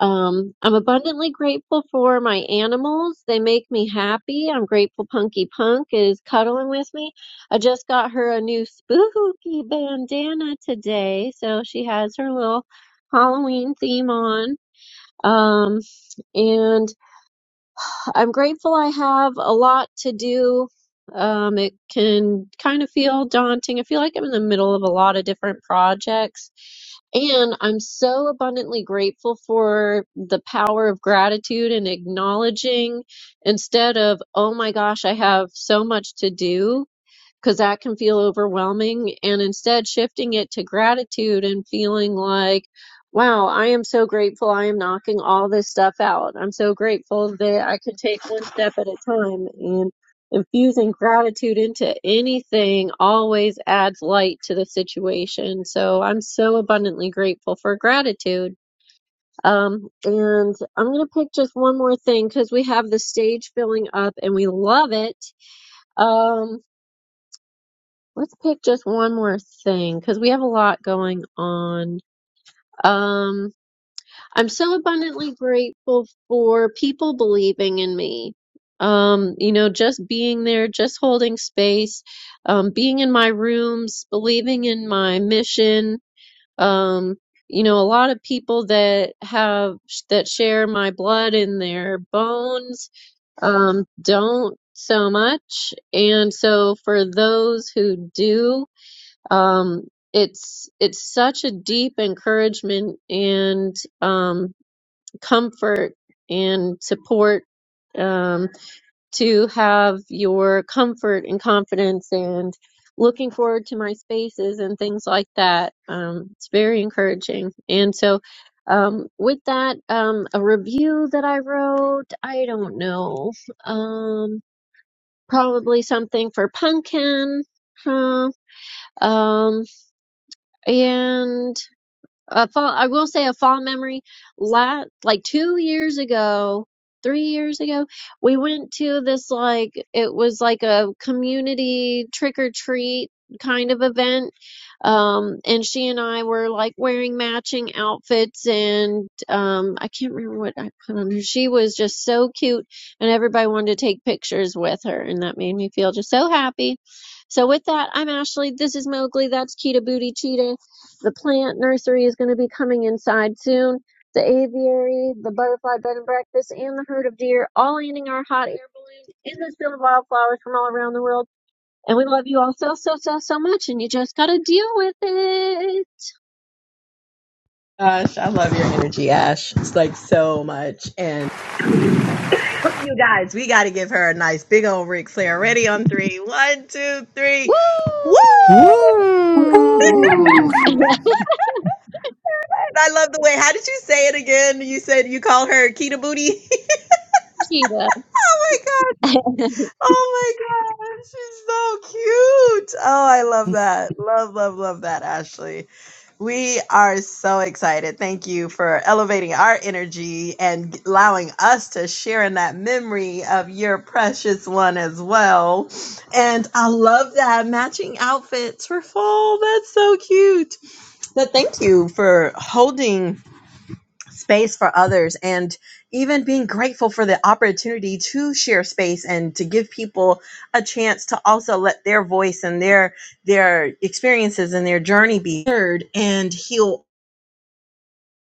S7: Um, I'm abundantly grateful for my animals. They make me happy. I'm grateful Punky Punk is cuddling with me. I just got her a new spooky bandana today, so she has her little Halloween theme on. Um, and I'm grateful I have a lot to do. Um, it can kind of feel daunting. I feel like I'm in the middle of a lot of different projects. And I'm so abundantly grateful for the power of gratitude and acknowledging instead of, oh my gosh, I have so much to do because that can feel overwhelming. And instead, shifting it to gratitude and feeling like, wow, I am so grateful. I am knocking all this stuff out. I'm so grateful that I can take one step at a time. And infusing gratitude into anything always adds light to the situation. So I'm so abundantly grateful for gratitude. Um, and I'm going to pick just one more thing because we have the stage filling up and we love it. Um, Let's pick just one more thing because we have a lot going on. Um, I'm so abundantly grateful for people believing in me. Um, you know, just being there, just holding space, um, being in my rooms, believing in my mission. Um, you know, a lot of people that have that share my blood in their bones um, don't so much. And so for those who do, um, it's it's such a deep encouragement and um, comfort and support um, to have your comfort and confidence and looking forward to my spaces and things like that. Um, it's very encouraging. And so, um, with that, um, a review that I wrote, I don't know, um, probably something for Pumpkin, huh? Um, and a fall, I will say a fall memory. La like two years ago, three years ago, we went to this like it was like a community trick or treat kind of event. Um, and she and I were like wearing matching outfits, and um, I can't remember what I put on her. She was just so cute, and everybody wanted to take pictures with her, and that made me feel just so happy. So with that, I'm Ashley. This is Mowgli. That's Kita Booty Cheetah. The plant nursery is going to be coming inside soon. The aviary, the butterfly bed and breakfast, and the herd of deer all eating our hot air balloons in this field of wildflowers from all around the world. And we love you all so, so, so, so much. And you just got to deal with it.
S1: Gosh, I love your energy, Ash. It's like so much. and. You guys, we got to give her a nice big old Ric Flair. Ready on three. One, two, three. Woo! I
S6: Woo!
S8: Woo!
S7: Woo!
S1: love the way. How did you say it again? You said you called her Kita Booty. oh my god!
S7: Cheetah.
S1: Oh my god! She's so cute. Oh, I love
S6: hmm
S1: that. Love, love, love that, Ashley. We are so excited. Thank you for elevating our energy and allowing us to share in that memory of your precious one as well. And I love that matching outfits for fall. That's so cute. But thank you for holding space for others and even being grateful for the opportunity to share space and to give people a chance to also let their voice and their their experiences and their journey be heard and heal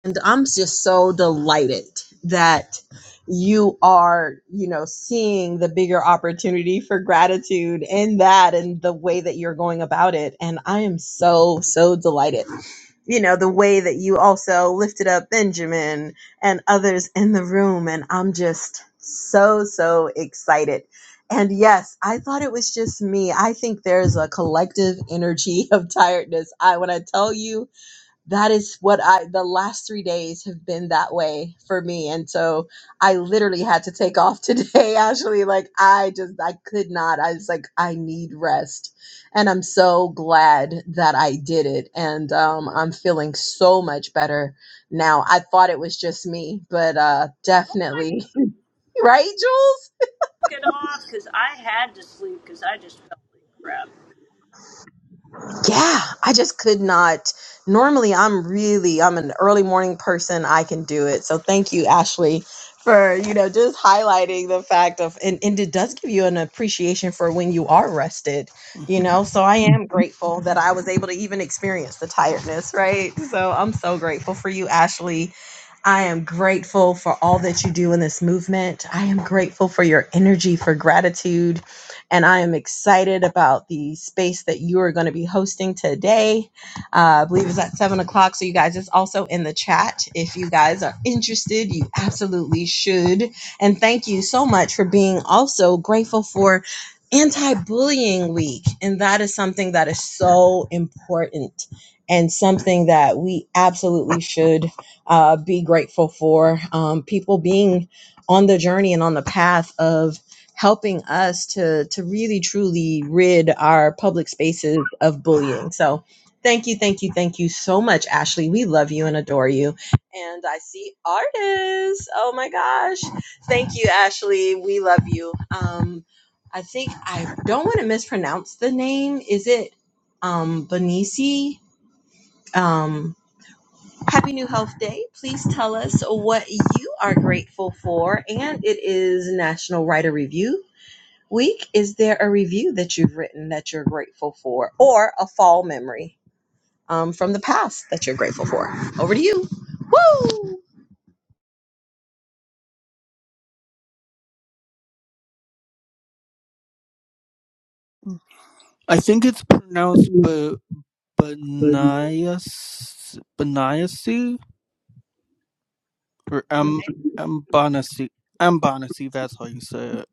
S1: and I'm just so delighted that you are, you know, seeing the bigger opportunity for gratitude in that and the way that you're going about it. And I am so, so delighted. You know, the way that you also lifted up Benjamin and others in the room. And I'm just so, so excited. And yes, I thought it was just me. I think there's a collective energy of tiredness. I when I tell you that is what I the last 3 days have been that way for me and so I literally had to take off today Ashley like I just I could not I was like I need rest and I'm so glad that I did it and um I'm feeling so much better now I thought it was just me but uh
S4: oh my
S1: definitely right Jules
S4: God, get off, because I had to sleep because I just felt like crap.
S1: yeah i just could not normally i'm really i'm an early morning person i can do it so thank you ashley for you know just highlighting the fact of and, and it does give you an appreciation for when you are rested you know so i am grateful that i was able to even experience the tiredness right so i'm so grateful for you ashley I am grateful for all that you do in this movement. I am grateful for your energy, for gratitude and I am excited about the space that you are going to be hosting today. Uh, I believe it's at seven o'clock. So, you guys, it's also in the chat. If you guys are interested, you absolutely should. And thank you so much for being also grateful for anti bullying week. And that is something that is so important and something that we absolutely should uh, be grateful for. Um, people being on the journey and on the path of helping us to to really truly rid our public spaces of bullying. So thank you, thank you, thank you so much, Ashley. We love you and adore you. And I see artists. Oh my gosh. Thank you, Ashley. We love you. Um I think I don't want to mispronounce the name. Is it um Benisi? Um Happy New Health Day. Please tell us what you are grateful for. And it is National Writer Review week, is there a review that you've written that you're grateful for, or a fall memory um, from the past that you're grateful for? Over to you. Woo!
S6: I think it's pronounced B- Benias Beniasi or M Mbanasi Mbanasi. That's how you say it.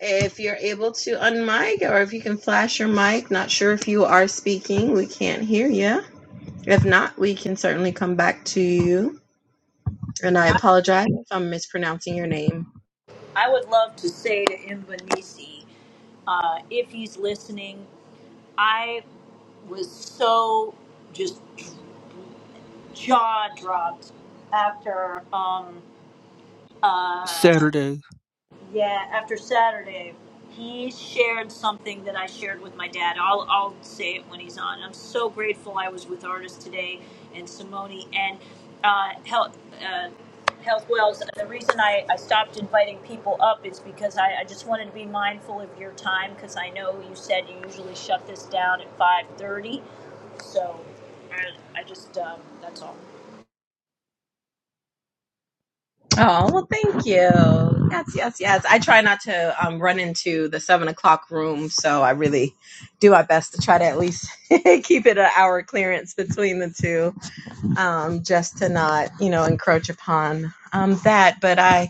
S1: If you're able to unmic or if you can flash your mic, not sure if you are speaking, we can't hear you. If not, we can certainly come back to you. And I
S4: I,
S1: apologize if I'm mispronouncing your name.
S4: I would love to say to Imbanisi, uh, if he's listening, I was so just jaw dropped after um, uh,
S6: Saturday.
S4: Yeah, after Saturday, he shared something that I shared with my dad. I'll, I'll say it when he's on. I'm so grateful I was with Artist today and Simone and uh, Health, uh, Health Wells. The reason I, I stopped inviting people up is because I, I just wanted to be mindful of your time because I know you said you usually shut this down at 5.30. So I, I just, um, that's all.
S1: Oh, well, thank you. Yes, yes, yes. I try not to um, run into the seven o'clock room, so I really do my best to try to at least keep it an hour clearance between the two. um, just to not, you know, encroach upon um, that. But I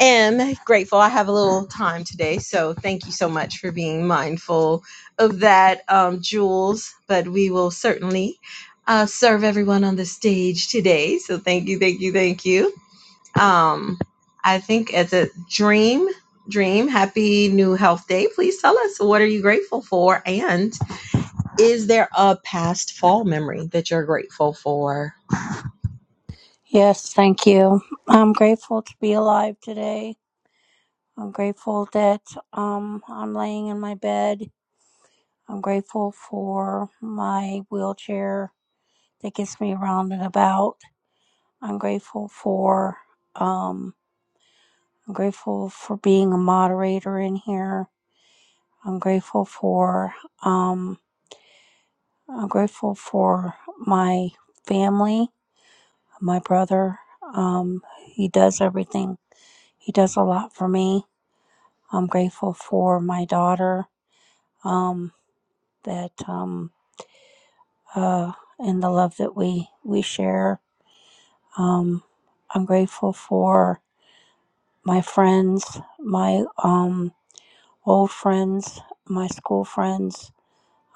S1: am grateful. I have a little time today. So thank you so much for being mindful of that, um, Jules. But we will certainly uh, serve everyone on the stage today. So thank you, thank you, thank you. Um, I think as a dream, dream, happy new health day. Please tell us what are you grateful for and is there a past fall memory that you're grateful for?
S8: Yes, thank you. I'm grateful to be alive today. I'm grateful that um, I'm laying in my bed. I'm grateful for my wheelchair that gets me around and about. I'm grateful for um, I'm grateful for being a moderator in here. I'm grateful for um, I'm grateful for my family, my brother. Um, he does everything he does a lot for me. I'm grateful for my daughter um, that um, uh, and the love that we we share. Um, I'm grateful for my friends, my um, old friends, my school friends.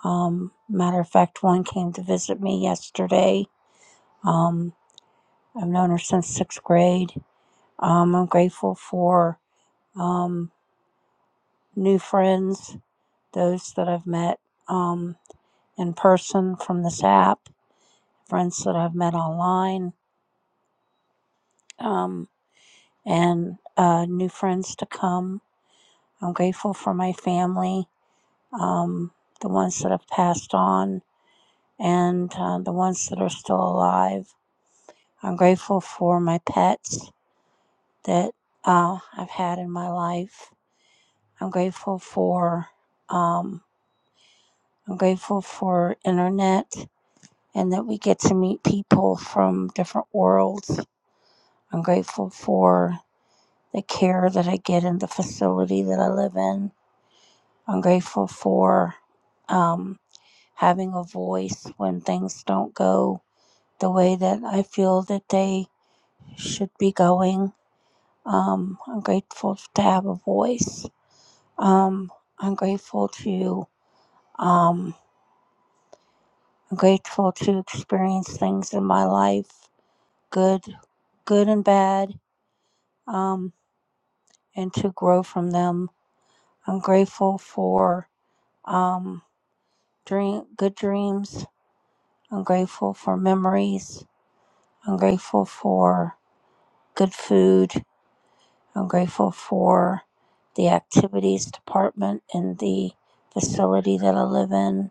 S8: Um, matter of fact, one came to visit me yesterday. Um, I've known her since sixth grade. Um, I'm grateful for um, new friends, those that I've met. Um, in person from this app, friends that I've met online, um, and uh, new friends to come. I'm grateful for my family, um, the ones that have passed on, and uh, the ones that are still alive. I'm grateful for my pets that uh, I've had in my life. I'm grateful for um, I'm grateful for internet and that we get to meet people from different worlds. I'm grateful for the care that I get in the facility that I live in. I'm grateful for um, having a voice when things don't go the way that I feel that they should be going. Um, I'm grateful to have a voice. Um, I'm grateful to um, I'm grateful to experience things in my life, good, good and bad, um, and to grow from them. I'm grateful for. Um, dream good dreams. I'm grateful for memories. I'm grateful for good food. I'm grateful for the activities department in the facility that I live in.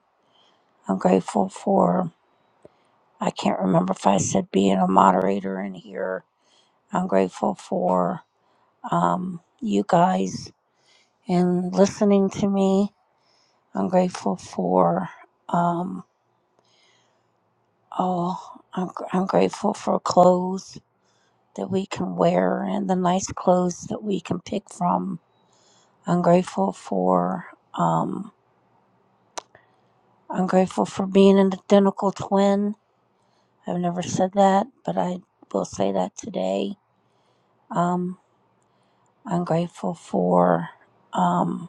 S8: I'm grateful for I can't remember if I said being a moderator in here. I'm grateful for um, you guys and listening to me. I'm grateful for um, oh I'm, I'm grateful for clothes. that we can wear and the nice clothes that we can pick from. I'm grateful for um, I'm grateful for being an identical twin. I've never said that, but I will say that today. Um, I'm grateful for um,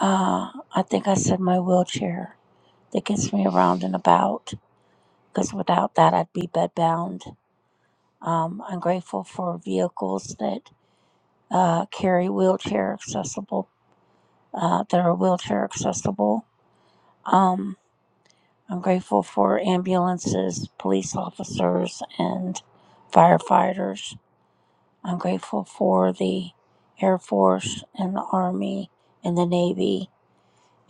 S8: uh, I think I said my wheelchair that gets me around and about because without that I'd be bedbound. Um, I'm grateful for vehicles that uh, carry wheelchair accessible uh, that are wheelchair accessible. Um, I'm grateful for ambulances, police officers, and firefighters. I'm grateful for the Air Force and the Army and the Navy.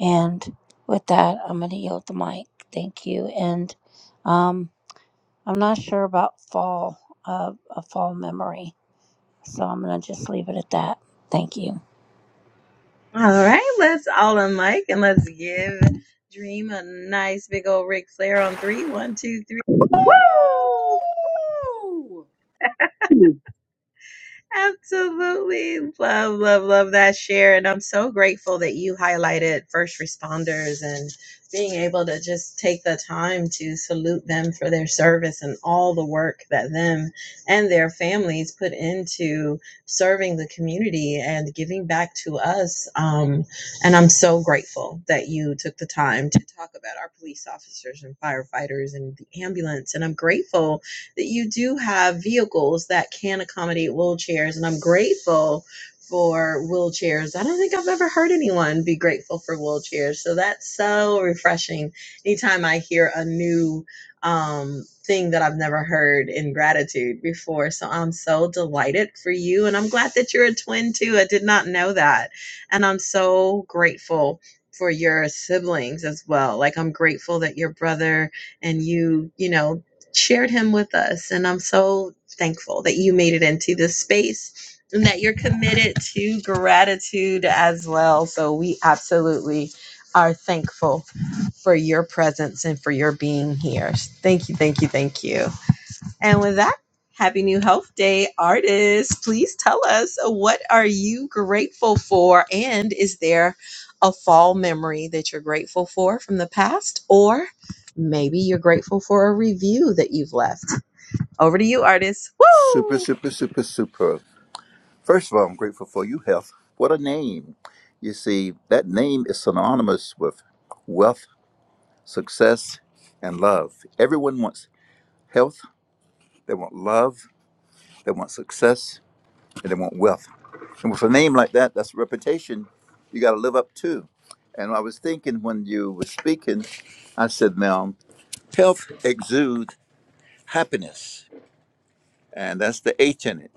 S8: And with that, I'm going to yield the mic. Thank you. And um, I'm not sure about fall, uh, a fall memory. So I'm going to just leave it at that. Thank you.
S1: All right, let's all on and let's give Dream a nice big old Ric Flair on three. One, two, three. Woo!
S4: Woo!
S1: Absolutely. Love, love, love that share. And I'm so grateful that you highlighted first responders and being able to just take the time to salute them for their service and all the work that them and their families put into serving the community and giving back to us. Um, and I'm so grateful that you took the time to talk about our police officers and firefighters and the ambulance. And I'm grateful that you do have vehicles that can accommodate wheelchairs. And I'm grateful for wheelchairs. I don't think I've ever heard anyone be grateful for wheelchairs. So that's so refreshing. Anytime I hear a new um, thing that I've never heard in gratitude before. So I'm so delighted for you. And I'm glad that you're a twin too. I did not know that. And I'm so grateful for your siblings as well. Like I'm grateful that your brother and you, you know, shared him with us. And I'm so thankful that you made it into this space and that you're committed to gratitude as well. So we absolutely are thankful for your presence and for your being here. Thank you, thank you, thank you. And with that, Happy New Health Day, artists. Please tell us what are you grateful for and is there a fall memory that you're grateful for from the past or maybe you're grateful for a review that you've left over to you, artist.
S9: Super,
S1: Woo!
S9: super, super, super. First of all, I'm grateful for you, health. What a name. You see, that name is synonymous with wealth, success, and love. Everyone wants health, they want love, they want success, and they want wealth. And with a name like that, that's a reputation you got to live up to. And I was thinking when you were speaking, I said, now, health exudes happiness, and that's the H in it.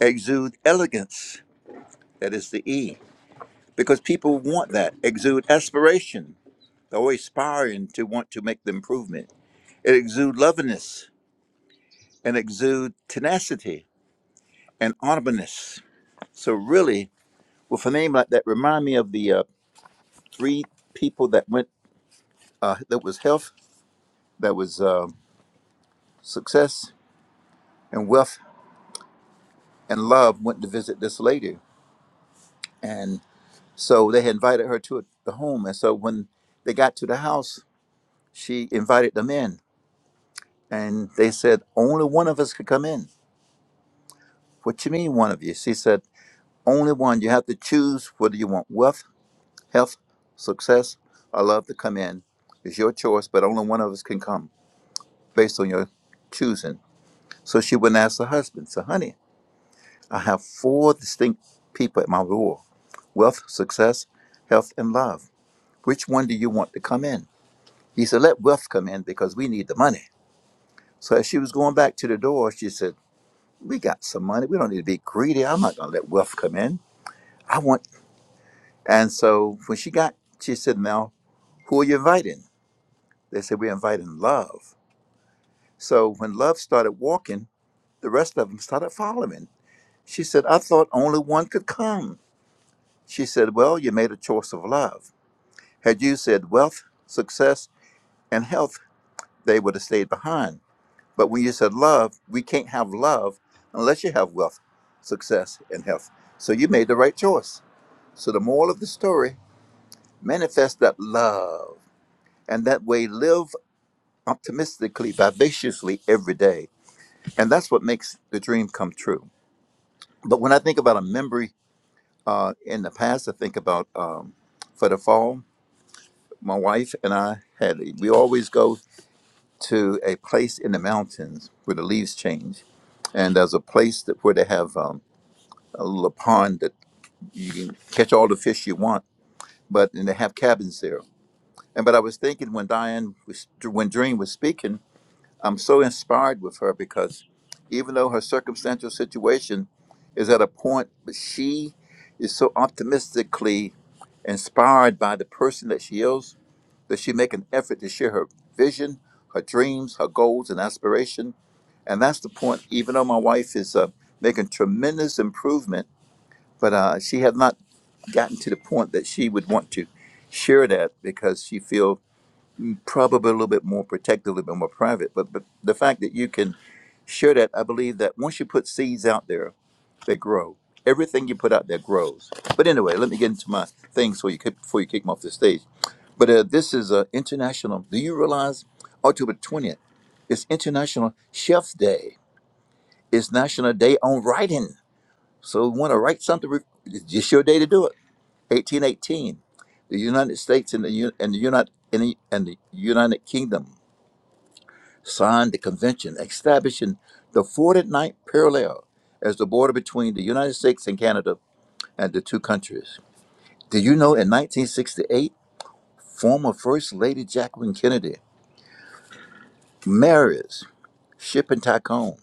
S9: Exude elegance, that is the E because people want that exude aspiration they're always aspiring to want to make the improvement it exude lovingness and exude tenacity and honorableness so really with a name like that remind me of the uh, three people that went uh, that was health that was uh, success and wealth and love went to visit this lady and so they had invited her to the home and so when they got to the house she invited them in and they said only one of us could come in What you mean, one of you? She said, Only one. You have to choose whether you want wealth, health, success, or love to come in. It's your choice, but only one of us can come based on your choosing. So she went and asked her husband, So, honey, I have four distinct people at my door wealth, success, health, and love. Which one do you want to come in? He said, Let wealth come in because we need the money. So, as she was going back to the door, she said, We got some money. We don't need to be greedy. I'm not going to let wealth come in. I want And so when she got, she said, Now, who are you inviting? They said, We're inviting love. So when love started walking, the rest of them started following. She said, I thought only one could come. She said, Well, you made a choice of love. Had you said wealth, success, and health, they would have stayed behind. But when you said love, we can't have love unless you have wealth, success, and health. So you made the right choice. So the moral of the story manifest that love and that way live optimistically, vivaciously every day. And that's what makes the dream come true. But when I think about a memory uh, in the past, I think about um, for the fall, my wife and I had, we always go to a place in the mountains where the leaves change. And there's a place that where they have um, a little pond that you can catch all the fish you want, but and they have cabins there. And but I was thinking when Diane was when Dream was speaking I'm so inspired with her because even though her circumstantial situation is at a point, but she is so optimistically inspired by the person that she is that she make an effort to share her vision, her dreams, her goals, and aspiration. And that's the point. Even though my wife is uh, making tremendous improvement, but uh, she has not gotten to the point that she would want to share that because she feels probably a little bit more protected, a little bit more private. But, but the fact that you can share that, I believe that once you put seeds out there, they grow. Everything you put out there grows. But anyway, let me get into my things so you could, before you kick me off the stage. But uh, this is uh, international. Do you realize October twentieth is International Chef's Day? It's National Day on Writing. So you want to write something? re- It's just your day to do it. 1818, the United States and the U- and the United and the, and the United Kingdom signed the convention establishing the forty-ninth parallel as the border between the United States and Canada and the two countries. Did you know in 1968, former First Lady Jacqueline Kennedy marries shipping tycoon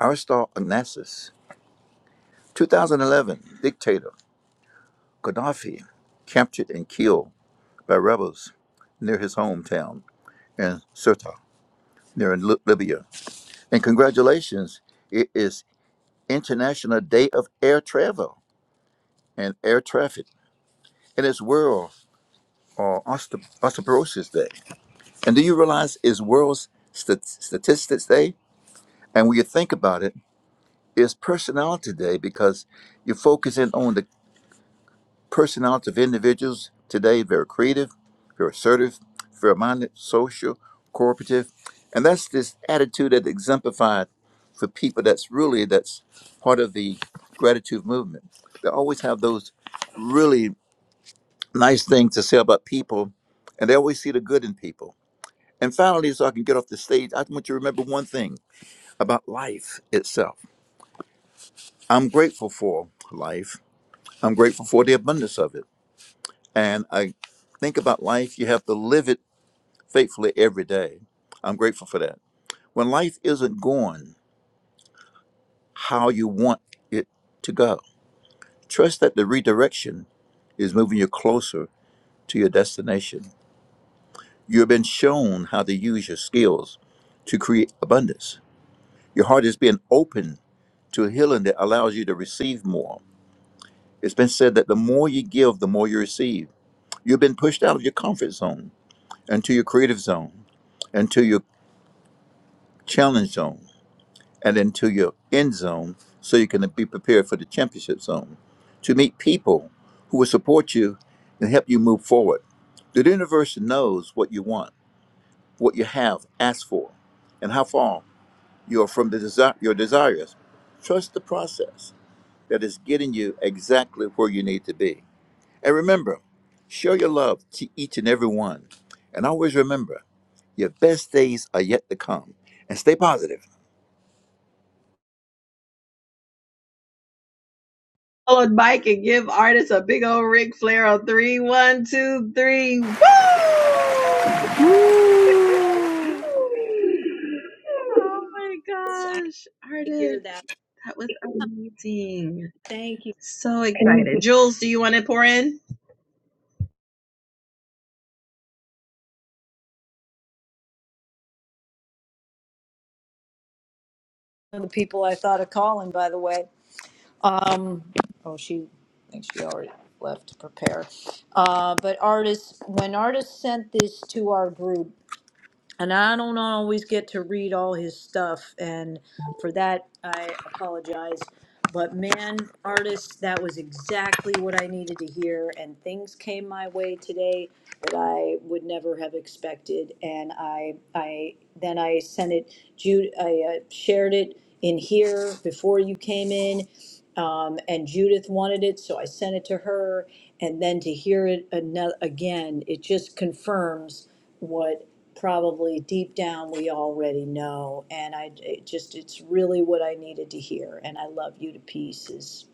S9: Aristarchus Onassis? 2011, dictator Gaddafi captured and killed by rebels near his hometown in Sirte, near in Libya. And congratulations, it is International Day of Air Travel. and air traffic. And it's World uh, Osteo- Osteoporosis Day. And do you realize it's World Stat- Statistics Day? And when you think about it, it's Personality Day because you're focusing on the personality of individuals today, very creative, very assertive, very minded, social, cooperative. And that's this attitude that exemplified for people that's really that's part of the gratitude movement. They always have those really nice things to say about people, and they always see the good in people. And finally, so I can get off the stage, I want you to remember one thing about life itself. I'm grateful for life. I'm grateful for the abundance of it. And I think about life, you have to live it faithfully every day. I'm grateful for that. When life isn't going how you want it to go, trust that the redirection is moving you closer to your destination You've been shown how to use your skills to create abundance. Your heart has been open to a healing that allows you to receive more. It's been said that the more you give, the more you receive. You've been pushed out of your comfort zone into your creative zone, into your challenge zone, and into your end zone so you can be prepared for the championship zone to meet people who will support you and help you move forward. The universe knows what you want, what you have, asked for, and how far your from the desire your desires. Trust the process that is getting you exactly where you need to be. And remember, show your love to each and every one. And always remember, your best days are yet to come. And stay positive.
S1: Followed Mike and give artists a big old Ric Flair on three, one, two, three. Woo!
S8: Woo!
S4: Woo!
S1: Oh my
S4: Yes, I
S1: gosh,
S4: hear
S1: artist,
S4: that.
S1: that was amazing.
S4: Thank
S1: So excited. Jules, do you want to pour in?
S4: of the people I thought of calling, by the way. Um, oh, she, I think she already left to prepare. Uh, but artists, when artists sent this to our group, and I don't always get to read all his stuff, and for that I apologize. But man, artists, that was exactly what I needed to hear, and things came my way today that I would never have expected. And I, I then I sent it, Jude, I uh, shared it in here before you came in, um, and Judith wanted it, so I sent it to her. And then to hear it ano- again, it just confirms what probably deep down we already know. And I it just, it's really what I needed to hear. And I love you to pieces.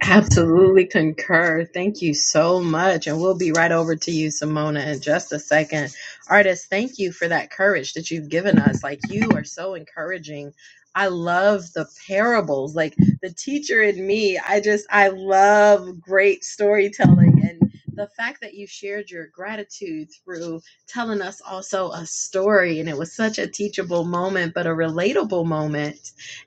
S1: Absolutely concur. Thank you so much. And we'll be right over to you, Simona, in just a second. Artist, thank you for that courage that you've given us. Like, you are so encouraging. I love the parables, like the teacher in me. I just, I love great storytelling. And the fact that you shared your gratitude through telling us also a story, and it was such a teachable moment, but a relatable moment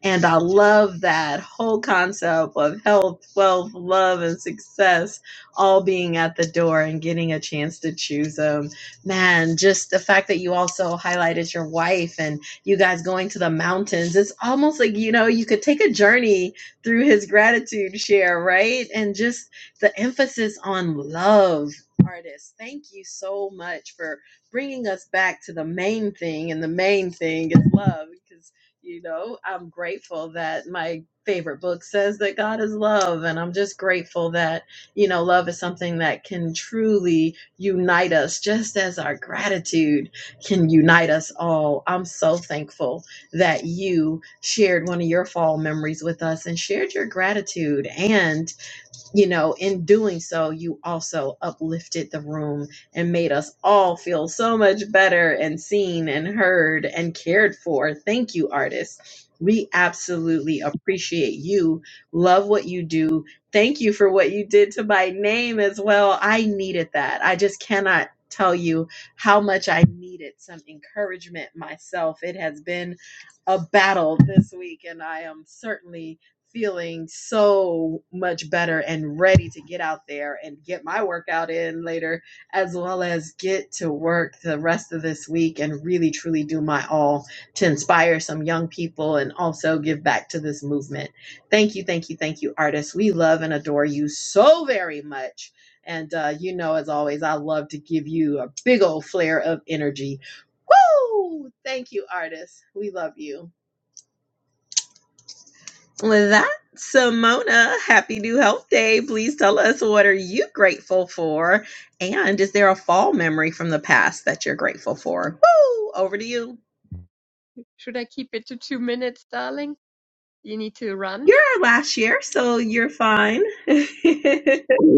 S1: and I love that whole concept of health, wealth, love, and success all being at the door and getting a chance to choose them. Man, just the fact that you also highlighted your wife and you guys going to the mountains, it's almost like, you know, you could take a journey through his gratitude share, right? And just the emphasis on love. Artists, thank you so much for bringing us back to the main thing, and the main thing is love. because you know, I'm grateful that my favorite book says that God is love. And I'm just grateful that, you know, love is something that can truly unite us, just as our gratitude can unite us all. I'm so thankful that you shared one of your fall memories with us and shared your gratitude. and you know, in doing so, you also uplifted the room and made us all feel so much better and seen and heard and cared for. Thank you, artists. We absolutely appreciate you. Love what you do. Thank you for what you did to my name as well. I needed that. I just cannot tell you how much I needed some encouragement myself. It has been a battle this week, and I am certainly feeling so much better and ready to get out there and get my workout in later, as well as get to work the rest of this week and really truly do my all to inspire some young people and also give back to this movement. Thank you, thank you, thank you, artists. We love and adore you so very much. And uh, you know, as always, I love to give you a big old flare of energy. Woo! Thank you, artists. We love you. With that, Simona, happy new health day. Please tell us what are you grateful for? And is there a fall memory from the past that you're grateful for? Woo! Over to you.
S10: Should I keep it to two minutes, darling? You need to run.
S1: You're our last year, so you're fine.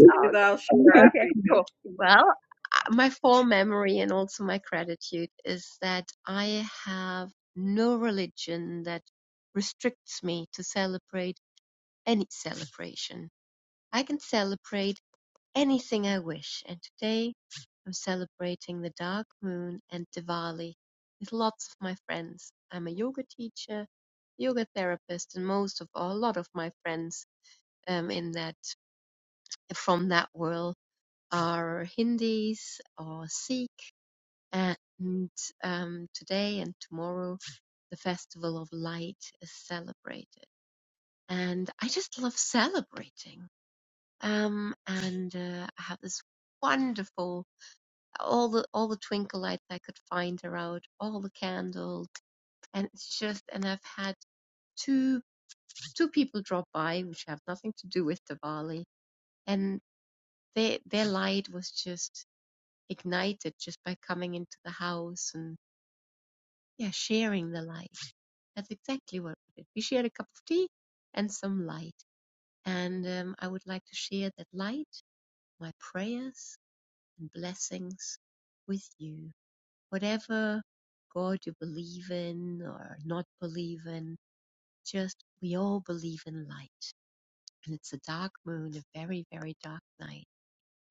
S10: Oh,
S1: I'll share after
S10: okay,
S1: you.
S10: cool. Well, uh, my full memory and also my gratitude is that I have no religion that restricts me to celebrate any celebration. I can celebrate anything I wish, and today I'm celebrating the dark moon and Diwali with lots of my friends. I'm a yoga teacher, yoga therapist, and most of all, a lot of my friends um, in that from that world are Hindis or Sikh, and um, today and tomorrow the Festival of Light is celebrated. And I just love celebrating. Um, and uh, I have this wonderful all the all the twinkle lights I could find are out, all the candles, and it's just and I've had two two people drop by which have nothing to do with Diwali, and their their light was just ignited just by coming into the house and yeah, sharing the light. That's exactly what we did. We shared a cup of tea and some light. And um, I would like to share that light, my prayers and blessings with you. Whatever God you believe in or not believe in, just we all believe in light. And it's a dark moon, a very, very dark night.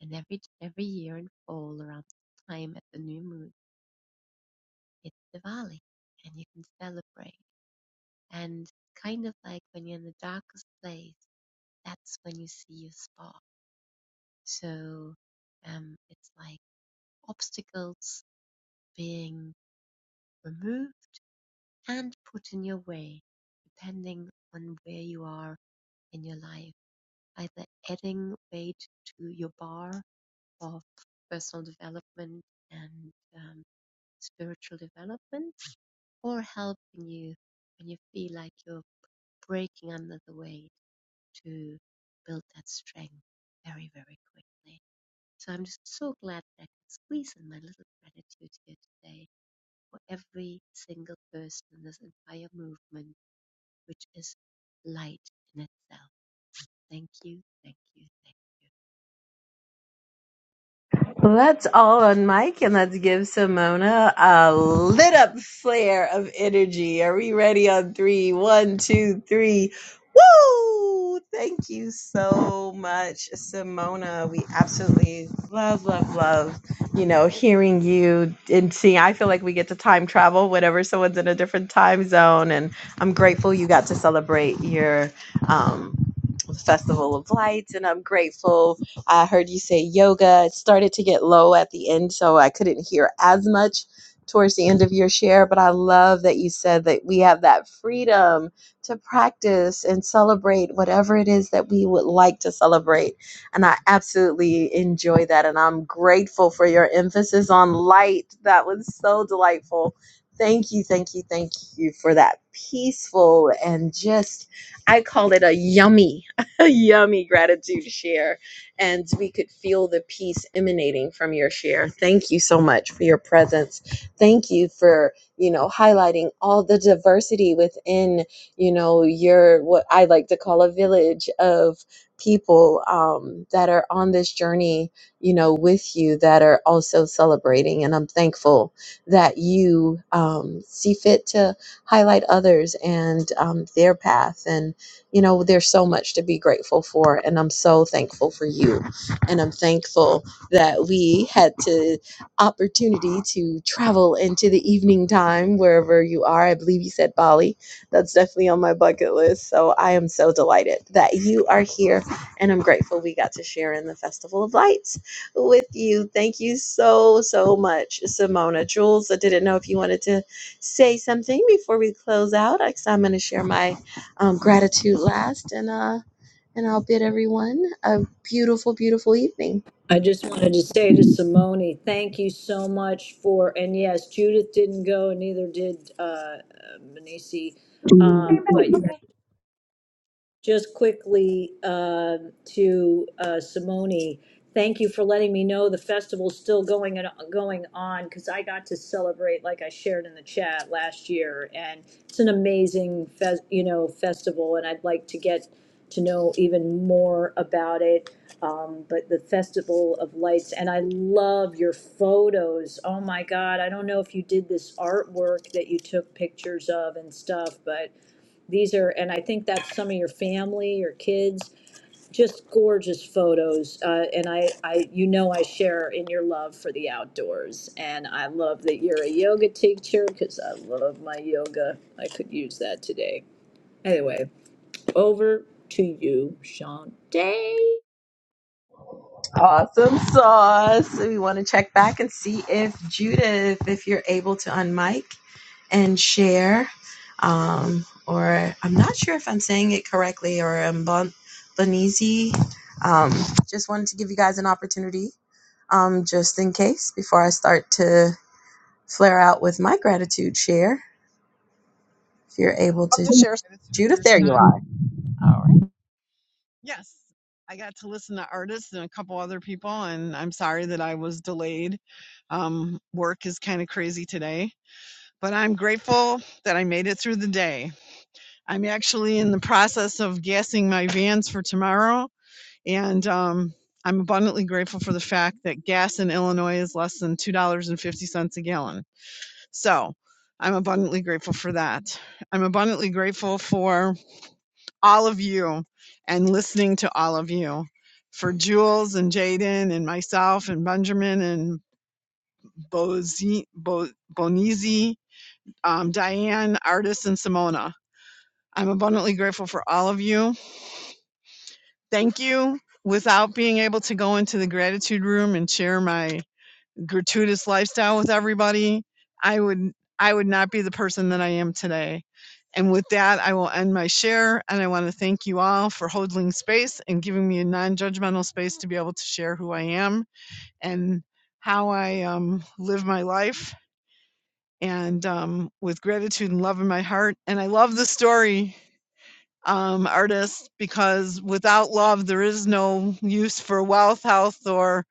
S10: And every every year in fall around the time at the new moon it's Diwali and you can celebrate. And kind of like when you're in the darkest place, that's when you see your spark. So um, it's like obstacles being removed and put in your way, depending on where you are in your life. Either adding weight to your bar of personal development and um, spiritual development, or helping you when you feel like you're breaking under the weight to build that strength very, very quickly. So I'm just so glad that I can squeeze in my little gratitude here today for every single person in this entire movement, which is light in itself. Thank you, thank you, thank you.
S1: Well, that's all on Mike, and let's give Simona a lit up flare of energy. Are we ready on three? One, two, three. Woo! Thank you so much, Simona. We absolutely love, love, love, you know, hearing you and seeing. I feel like we get to time travel whenever someone's in a different time zone, and I'm grateful you got to celebrate your. um, Festival of Lights, and I'm grateful. I heard you say yoga. It started to get low at the end, so I couldn't hear as much towards the end of your share, but I love that you said that we have that freedom to practice and celebrate whatever it is that we would like to celebrate. And I absolutely enjoy that, and I'm grateful for your emphasis on light. That was so delightful. Thank you, thank you, thank you for that peaceful and just I call it a yummy yummy gratitude share and we could feel the peace emanating from your share thank you so much for your presence thank you for you know highlighting all the diversity within you know your what i like to call a village of people um, that are on this journey you know with you that are also celebrating and i'm thankful that you um, see fit to highlight others and um, their path and you know, there's so much to be grateful for, and I'm so thankful for you. And I'm thankful that we had the opportunity to travel into the evening time wherever you are. I believe you said Bali. That's definitely on my bucket list. So I am so delighted that you are here, and I'm grateful we got to share in the Festival of Lights with you. Thank you so, so much, Simona. Jules, I didn't know if you wanted to say something before we close out. I- 'cause I'm going to share my um, gratitude last, and uh, and I'll bid everyone a beautiful, beautiful evening.
S4: I just wanted to say to Simone, thank you so much for, and yes, Judith didn't go, and neither did uh, uh, Manisi. Um, but yes, Just quickly uh, to uh, Simone, thank you for letting me know the festival's still going and uh, going on because I got to celebrate, like I shared in the chat last year, and it's an amazing fes- you know festival, and I'd like to get to know even more about it. Um, but the Festival of Lights, and I love your photos. Oh my God, I don't know if you did this artwork that you took pictures of and stuff, but these are, and I think that's some of your family, your kids, just gorgeous photos. Uh, and I, I, you know, I share in your love for the outdoors. And I love that you're a yoga teacher because I love my yoga. I could use that today. Anyway, over to you, Shantae.
S1: Awesome sauce. We want to check back and see if Judith, if you're able to unmic and share. Um, or I'm not sure if I'm saying it correctly or I'm bon- Bonizi. Um, just wanted to give you guys an opportunity um, just in case before I start to flare out with my gratitude share. If you're able
S11: love
S1: to,
S11: to share gratitude if
S1: Judith,
S11: there's
S1: there you are.
S11: time. Yes, I got to listen to artists and a couple other people, and I'm sorry that I was delayed. Um, work is kind of crazy today, but I'm grateful that I made it through the day. I'm actually in the process of gassing my vans for tomorrow, and um, I'm abundantly grateful for the fact that gas in Illinois is less than $2.50 a gallon. So I'm abundantly grateful for that. I'm abundantly grateful for all of you and listening to all of you. For Jules and Jaden and myself and Benjamin and Bozi, Bo, Bonizzi, um, Diane, Artis, and Simona. I'm abundantly grateful for all of you. Thank you. Without being able to go into the gratitude room and share my gratuitous lifestyle with everybody, I would I would not be the person that I am today. And with that, I will end my share and I want to thank you all for holding space and giving me a non-judgmental space to be able to share who I am and how I um, live my life and um, with gratitude and love in my heart. And I love the story um, artists because without love, there is no use for wealth, health, or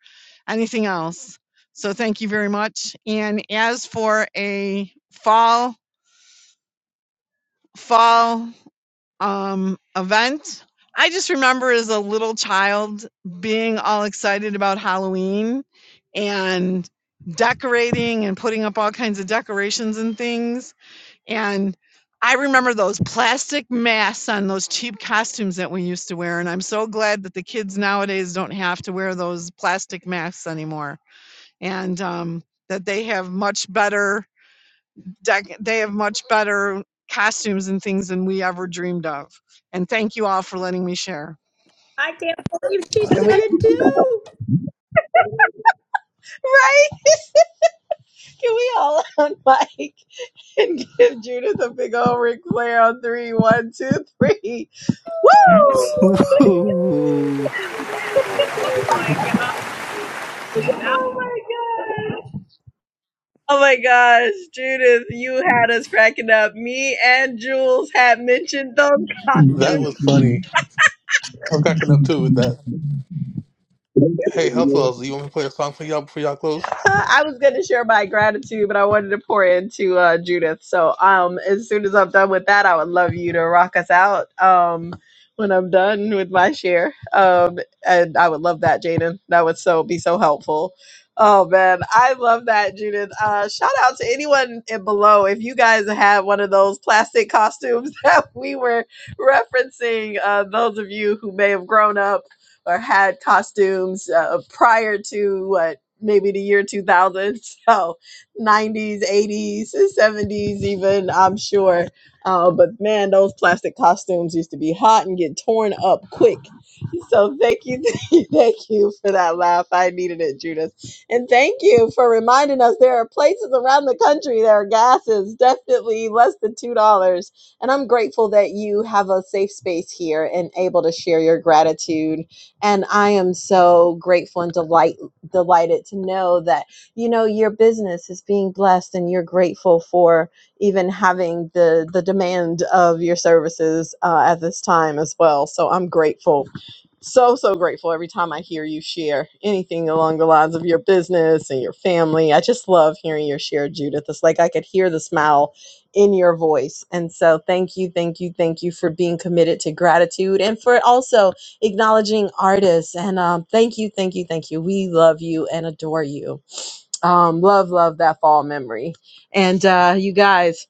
S11: anything else. So thank you very much. And as for a fall fall um, event, I just remember as a little child being all excited about Halloween and decorating and putting up all kinds of decorations and things and I remember those plastic masks on those cheap costumes that we used to wear. And I'm so glad that the kids nowadays don't have to wear those plastic masks anymore. And um, that they have much better, dec- they have much better costumes and things than we ever dreamed of. And thank you all for letting me share.
S4: I can't believe she said it too.
S1: Right? Can we all on mic and give Judith a big old Ric Flair on three, one, two, three. Woo!
S6: Woo!
S4: Oh my God.
S1: Oh my gosh, Judith, you had us cracking up. Me and Jules had mentioned those costumes.
S3: That was funny. I was cracking up too with that. Hey, Health Wells, do you want me to play a song for y'all before y'all close?
S1: I was going to share my gratitude, but I wanted to pour into uh, Judith. So, um, as soon as I'm done with that, I would love you to rock us out. Um, when I'm done with my share, um, and I would love that, Jaden. That would so be so helpful. Oh man, I love that, Judith. Uh, shout out to anyone in below if you guys have one of those plastic costumes that we were referencing. Uh, those of you who may have grown up or had costumes uh, prior to what maybe the year 2000 so 90s 80s 70s even i'm sure uh, but man those plastic costumes used to be hot and get torn up quick so thank you thank you for that laugh i needed it judith and thank you for reminding us there are places around the country that are gases definitely less than two dollars and i'm grateful that you have a safe space here and able to share your gratitude and I am so grateful and delighted delighted to know that you know your business is being blessed and you're grateful for even having the the demand of your services uh, at this time as well so i'm grateful so so grateful every time i hear you share anything along the lines of your business and your family i just love hearing your share judith it's like i could hear the smile in your voice and so thank you thank you thank you for being committed to gratitude and for also acknowledging artists. And um, thank you, thank you, thank you. We love you and adore you. Um, love, love that fall memory. And uh, you guys.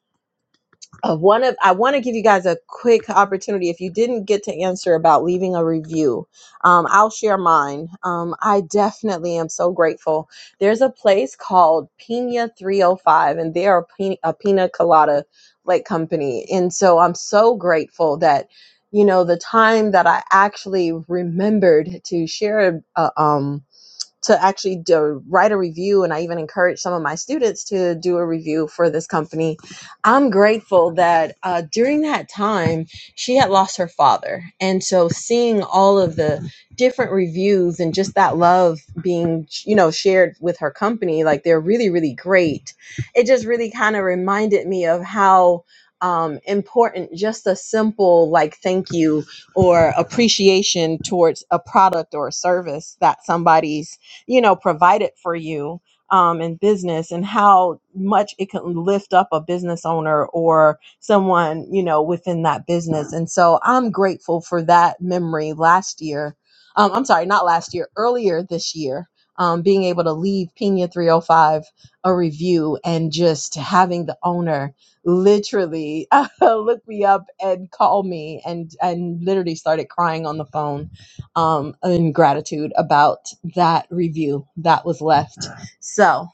S1: Uh, one of I want to give you guys a quick opportunity. If you didn't get to answer about leaving a review, um, I'll share mine. Um, I definitely am so grateful. There's a place called Pina 305, and they are pina, a pina colada like company, and so I'm so grateful that you know the time that I actually remembered to share a, a, um to actually do, write a review and i even encourage some of my students to do a review for this company i'm grateful that uh, during that time she had lost her father and so seeing all of the different reviews and just that love being you know shared with her company like they're really really great it just really kind of reminded me of how um, important just a simple like thank you or appreciation towards a product or a service that somebody's you know provided for you um, in business and how much it can lift up a business owner or someone you know within that business and so i'm grateful for that memory last year um, i'm sorry not last year earlier this year um, being able to leave pina 305 a review and just having the owner literally look me up and call me and and literally started crying on the phone um, in gratitude about that review that was left. So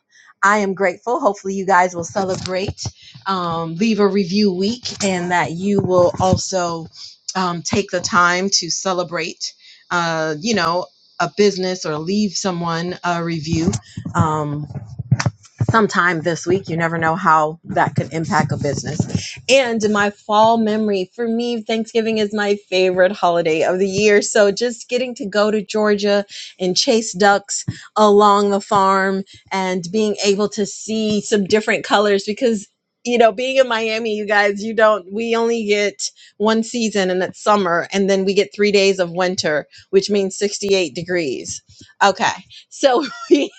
S1: I am grateful. Hopefully, you guys will celebrate um, Leave a Review Week and that you will also um, take the time to celebrate, uh, you know, a business or leave someone a review. Um, sometime this week. You never know how that could impact a business. And my fall memory for me, Thanksgiving is my favorite holiday of the year. So just getting to go to Georgia and chase ducks along the farm and being able to see some different colors because. You know, being in Miami, you guys, you don't, we only get one season and it's summer, and then we get three days of winter, which means 68 degrees. Okay. So we.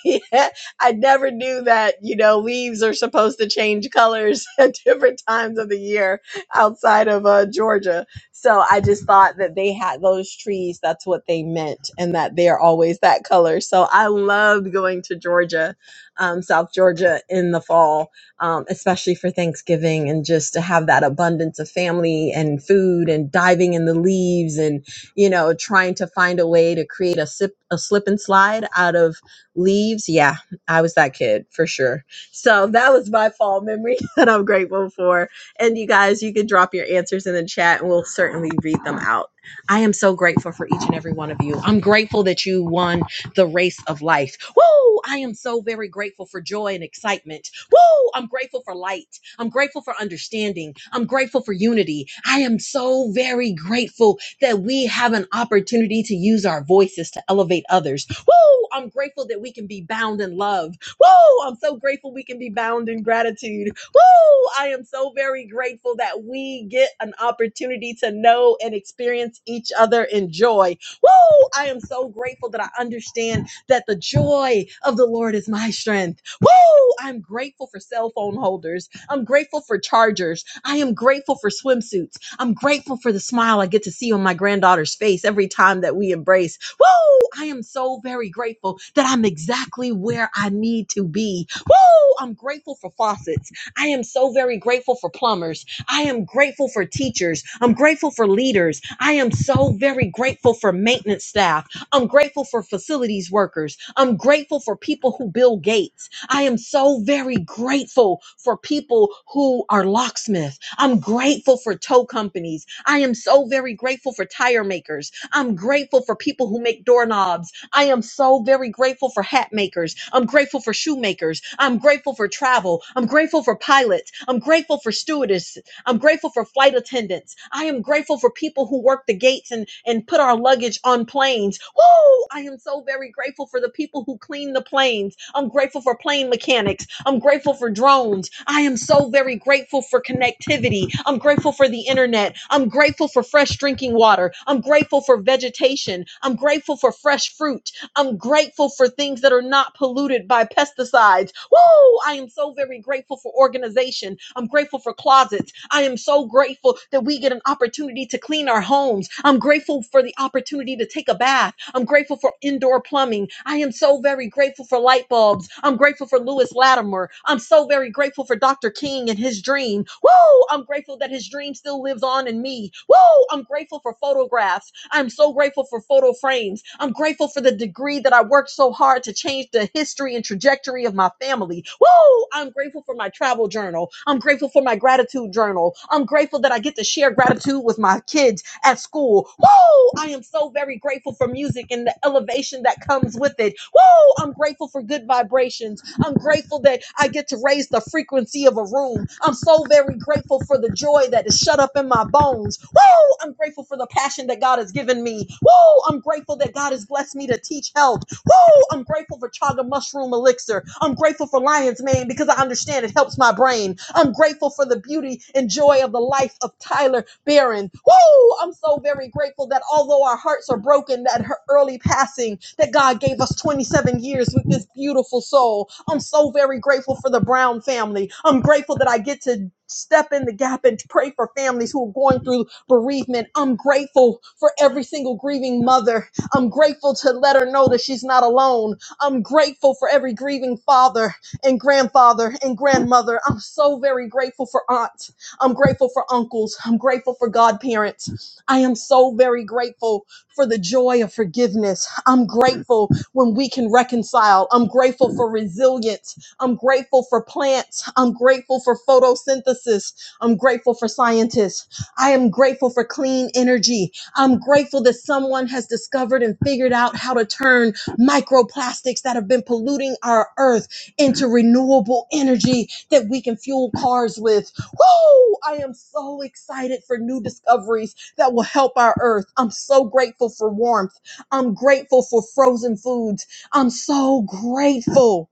S1: I never knew that, you know, leaves are supposed to change colors at different times of the year outside of uh, Georgia. So I just thought that they had those trees, that's what they meant, and that they're always that color. So I loved going to Georgia, um, South Georgia in the fall, um, especially for Thanksgiving and just to have that abundance of family and food and diving in the leaves and, you know, trying to find a way to create a, sip, a slip and slide out of leaves. Yeah, I was that kid for sure. So that was my fall memory that I'm grateful for. And you guys, you can drop your answers in the chat and we'll certainly read them out. I am so grateful for each and every one of you. I'm grateful that you won the race of life. Woo! I am so very grateful for joy and excitement. Woo! I'm grateful for light. I'm grateful for understanding. I'm grateful for unity. I am so very grateful that we have an opportunity to use our voices to elevate others Woo! I'm grateful that we can be bound in love. Woo! I'm so grateful we can be bound in gratitude. Woo! I am so very grateful that we get an opportunity to know and experience each other in joy. Woo! I am so grateful that I understand that the joy of the Lord is my strength. Woo! I'm grateful for cell phone holders. I'm grateful for chargers. I am grateful for swimsuits. I'm grateful for the smile I get to see on my granddaughter's face every time that we embrace. Woo! I am so very grateful that I'm exactly where I need to be. Woo! I'm grateful for faucets. I am so very grateful for plumbers. I am grateful for teachers. I'm grateful for leaders. I am so very grateful for maintenance staff. I'm grateful for facilities workers. I'm grateful for people who build gates. I am so very grateful for people who are locksmiths. I'm grateful for tow companies. I am so very grateful for tire makers. I'm grateful for people who make doorknobs. I am so very grateful for hat makers. I'm grateful for shoemakers. I'm grateful for travel. I'm grateful for pilots. I'm grateful for stewardesses. I'm grateful for flight attendants. I am grateful for people who work the gates and, and put our luggage on planes. Woo! I am so very grateful for the people who clean the planes. I'm grateful for plane mechanics. I'm grateful for drones. I am so very grateful for connectivity. I'm grateful for the internet. I'm grateful for fresh drinking water. I'm grateful for vegetation. I'm grateful for fresh fruit. I'm grateful for things that are not polluted by pesticides. Woo! I am so very grateful for organization. I'm grateful for closets. I am so grateful that we get an opportunity to clean our homes. I'm grateful for the opportunity to take a bath. I'm grateful for indoor plumbing. I am so very grateful for light bulbs. I'm grateful for Lewis Latimer. I'm so very grateful grateful for Dr. King and his dream. Woo! I'm grateful that his dream still lives on in me. Woo! I'm grateful for photographs. I'm so grateful for photo frames. I'm grateful for the degree that I worked so hard to change the history and trajectory of my family. Woo! I'm grateful for my travel journal. I'm grateful for my gratitude journal. I'm grateful that I get to share gratitude with my kids at school. Woo! I am so very grateful for music and the elevation that comes with it. Woo! I'm grateful for good vibrations. I'm grateful that I get to raise the frequency of a room. I'm so very grateful for the joy that is shut up in my bones. Woo! I'm grateful for the passion that God has given me. Woo! I'm grateful that God has blessed me to teach health. Woo! I'm grateful for chaga mushroom elixir. I'm grateful for lion's mane because I understand it helps my brain. I'm grateful for the beauty and joy of the life of Tyler Barron. Woo! I'm so very grateful that although our hearts are broken at her early passing, that God gave us 27 years with this beautiful soul. I'm so very grateful for the Brown family. I'm grateful that I get to step in the gap and pray for families who are going through bereavement. I'm grateful for every single grieving mother I'm grateful to let her know that she's not alone. I'm grateful for every grieving father and grandfather and grandmother. I'm so very grateful for aunts. I'm grateful for uncles. I'm grateful for godparents. I am so very grateful for the joy of forgiveness. I'm grateful when we can reconcile. I'm grateful for resilience. I'm grateful for plants. I'm grateful for photosynthesis. I'm grateful for scientists. I am grateful for clean energy. I'm grateful that someone has discovered and figured out how to turn microplastics that have been polluting our earth into renewable energy that we can fuel cars with. Woo! I am so excited for new discoveries that will help our earth. I'm so grateful for warmth. I'm grateful for frozen foods. I'm so grateful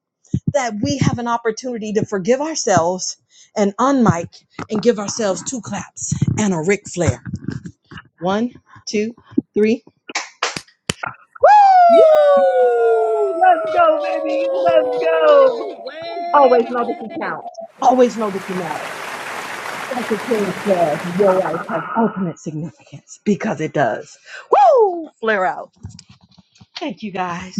S1: that we have an opportunity to forgive ourselves and unmic and give ourselves two claps and a Ric Flair. One, two, three.
S4: Woo!
S1: Woo! Let's go, baby. Let's go. Always know that you
S4: Wendy!
S1: count. Always know that you matter. Dr. King's class, your life has ultimate significance because it does. Woo! Flare out. Thank you guys.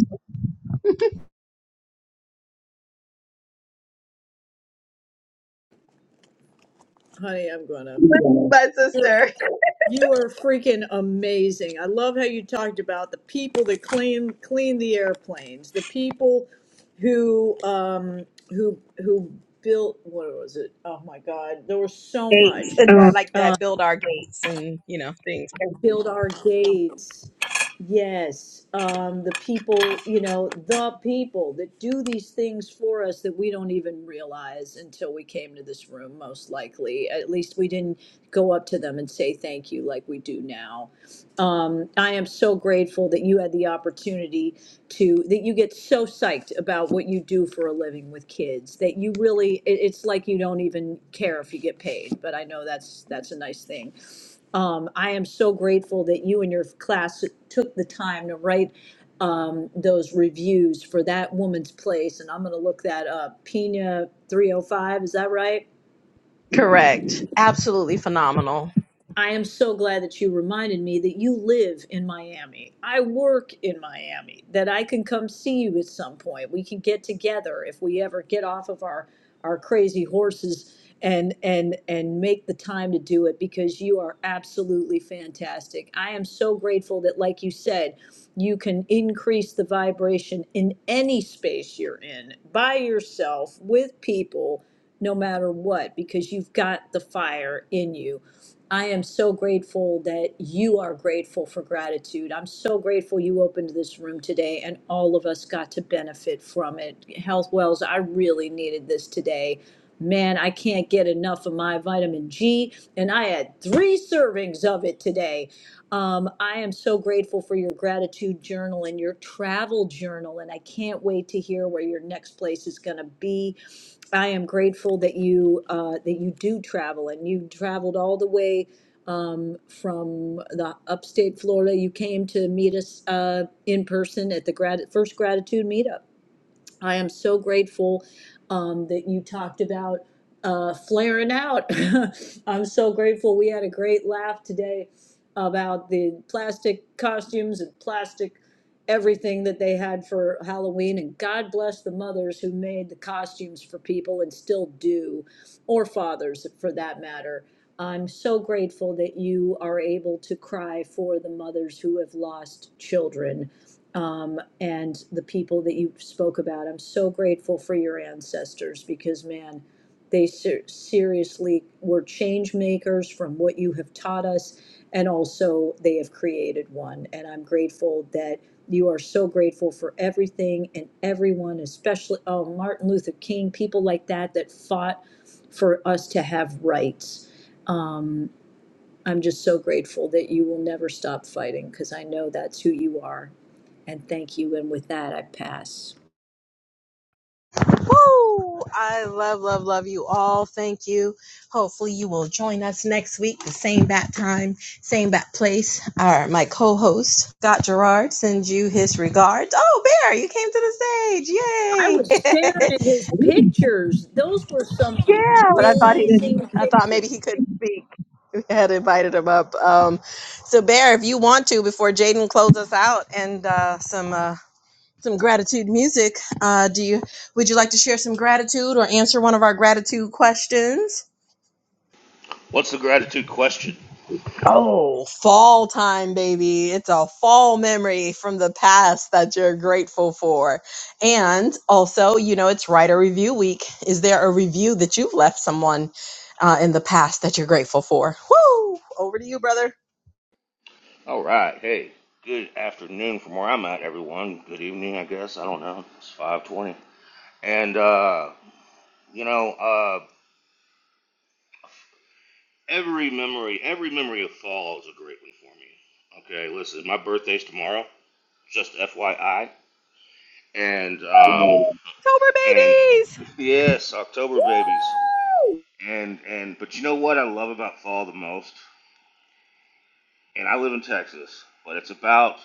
S4: Honey, I'm gonna. You're, you are freaking amazing. I love how you talked about the people that clean clean the airplanes, the people who um who who built what was it? Oh my God, there was so much. build our gates. Yes, um, the people, you know, the people that do these things for us that we don't even realize until we came to this room, most likely. At least we didn't go up to them and say thank you like we do now. Um, I am so grateful that you had the opportunity to, that you get so psyched about what you do for a living with kids that you really, it, it's like you don't even care if you get paid. But I know that's that's a nice thing um, I am so grateful that you and your class took the time to write um, those reviews for that woman's place, and I'm going to look that up. Pina 305, is that right? I am so glad that you reminded me that you live in Miami. I work in Miami, that I can come see you at some point. We can get together if we ever get off of our, our crazy horses and and and make the time to do it because you are absolutely fantastic. I am so grateful that like you said, you can increase the vibration in any space you're in, by yourself, with people, no matter what because you've got the fire in you I am so grateful that you are grateful for gratitude. I'm so grateful you opened this room today and all of us got to benefit from it. Health Wells, I really needed this today. Man, I can't get enough of my vitamin G, and I had three servings of it today. Um, I am so grateful for your gratitude journal and your travel journal, and I can't wait to hear where your next place is going to be. I am grateful that you uh, that you do travel, and you traveled all the way um, from the upstate Florida. You came to meet us uh, in person at the grat- first gratitude meetup. I am so grateful um, that you talked about uh, flaring out. I'm so grateful we had a great laugh today about the plastic costumes and plastic everything that they had for Halloween. And God bless the mothers who made the costumes for people and still do, or fathers for that matter. I'm so grateful that you are able to cry for the mothers who have lost children um, and the people that you spoke about. I'm so grateful for your ancestors because, man, they ser- seriously were change makers from what you have taught us, and also they have created one. And I'm grateful that you are so grateful for everything and everyone, especially oh Martin Luther King, people like that that fought for us to have rights. Um, I'm just so grateful that you will never stop fighting because I know that's who you are. And thank you. And with that, I pass.
S1: Woo! I love, love, love you all. Thank you. Hopefully, you will join us next week, the same bat time, same bat place. Our my co-host Scott Gerard sends you his regards. Oh, Bear, you came to the stage!
S4: I
S1: Yay!
S4: was staring at his pictures. Those were some
S1: yeah, but I thought he didn't.
S4: amazing
S1: I thought maybe
S4: pictures.
S1: he couldn't speak. We had invited him up. Um, so, Bear, if you want to, before Jaden closes us out, and uh, some. uh, some gratitude music. Uh, do you would you like to share some gratitude or answer one of our gratitude questions?
S12: What's the gratitude question?
S1: Oh, fall time, baby. It's a fall memory from the past that you're grateful for. And also, you know, it's writer review week. Is there a review that you've left someone uh, in the past that you're grateful for? Woo! Over to you, brother.
S12: All right, hey, good afternoon from where I'm at, everyone. Good evening, I guess. I don't know. It's 5:20, and uh, you know, uh, every memory, every memory of fall is a great one for me. Okay, listen, my birthday's tomorrow, just FYI, and um, and yes, October babies,
S4: Woo!
S12: and and but you know what I love about fall the most, and I live in Texas, but it's about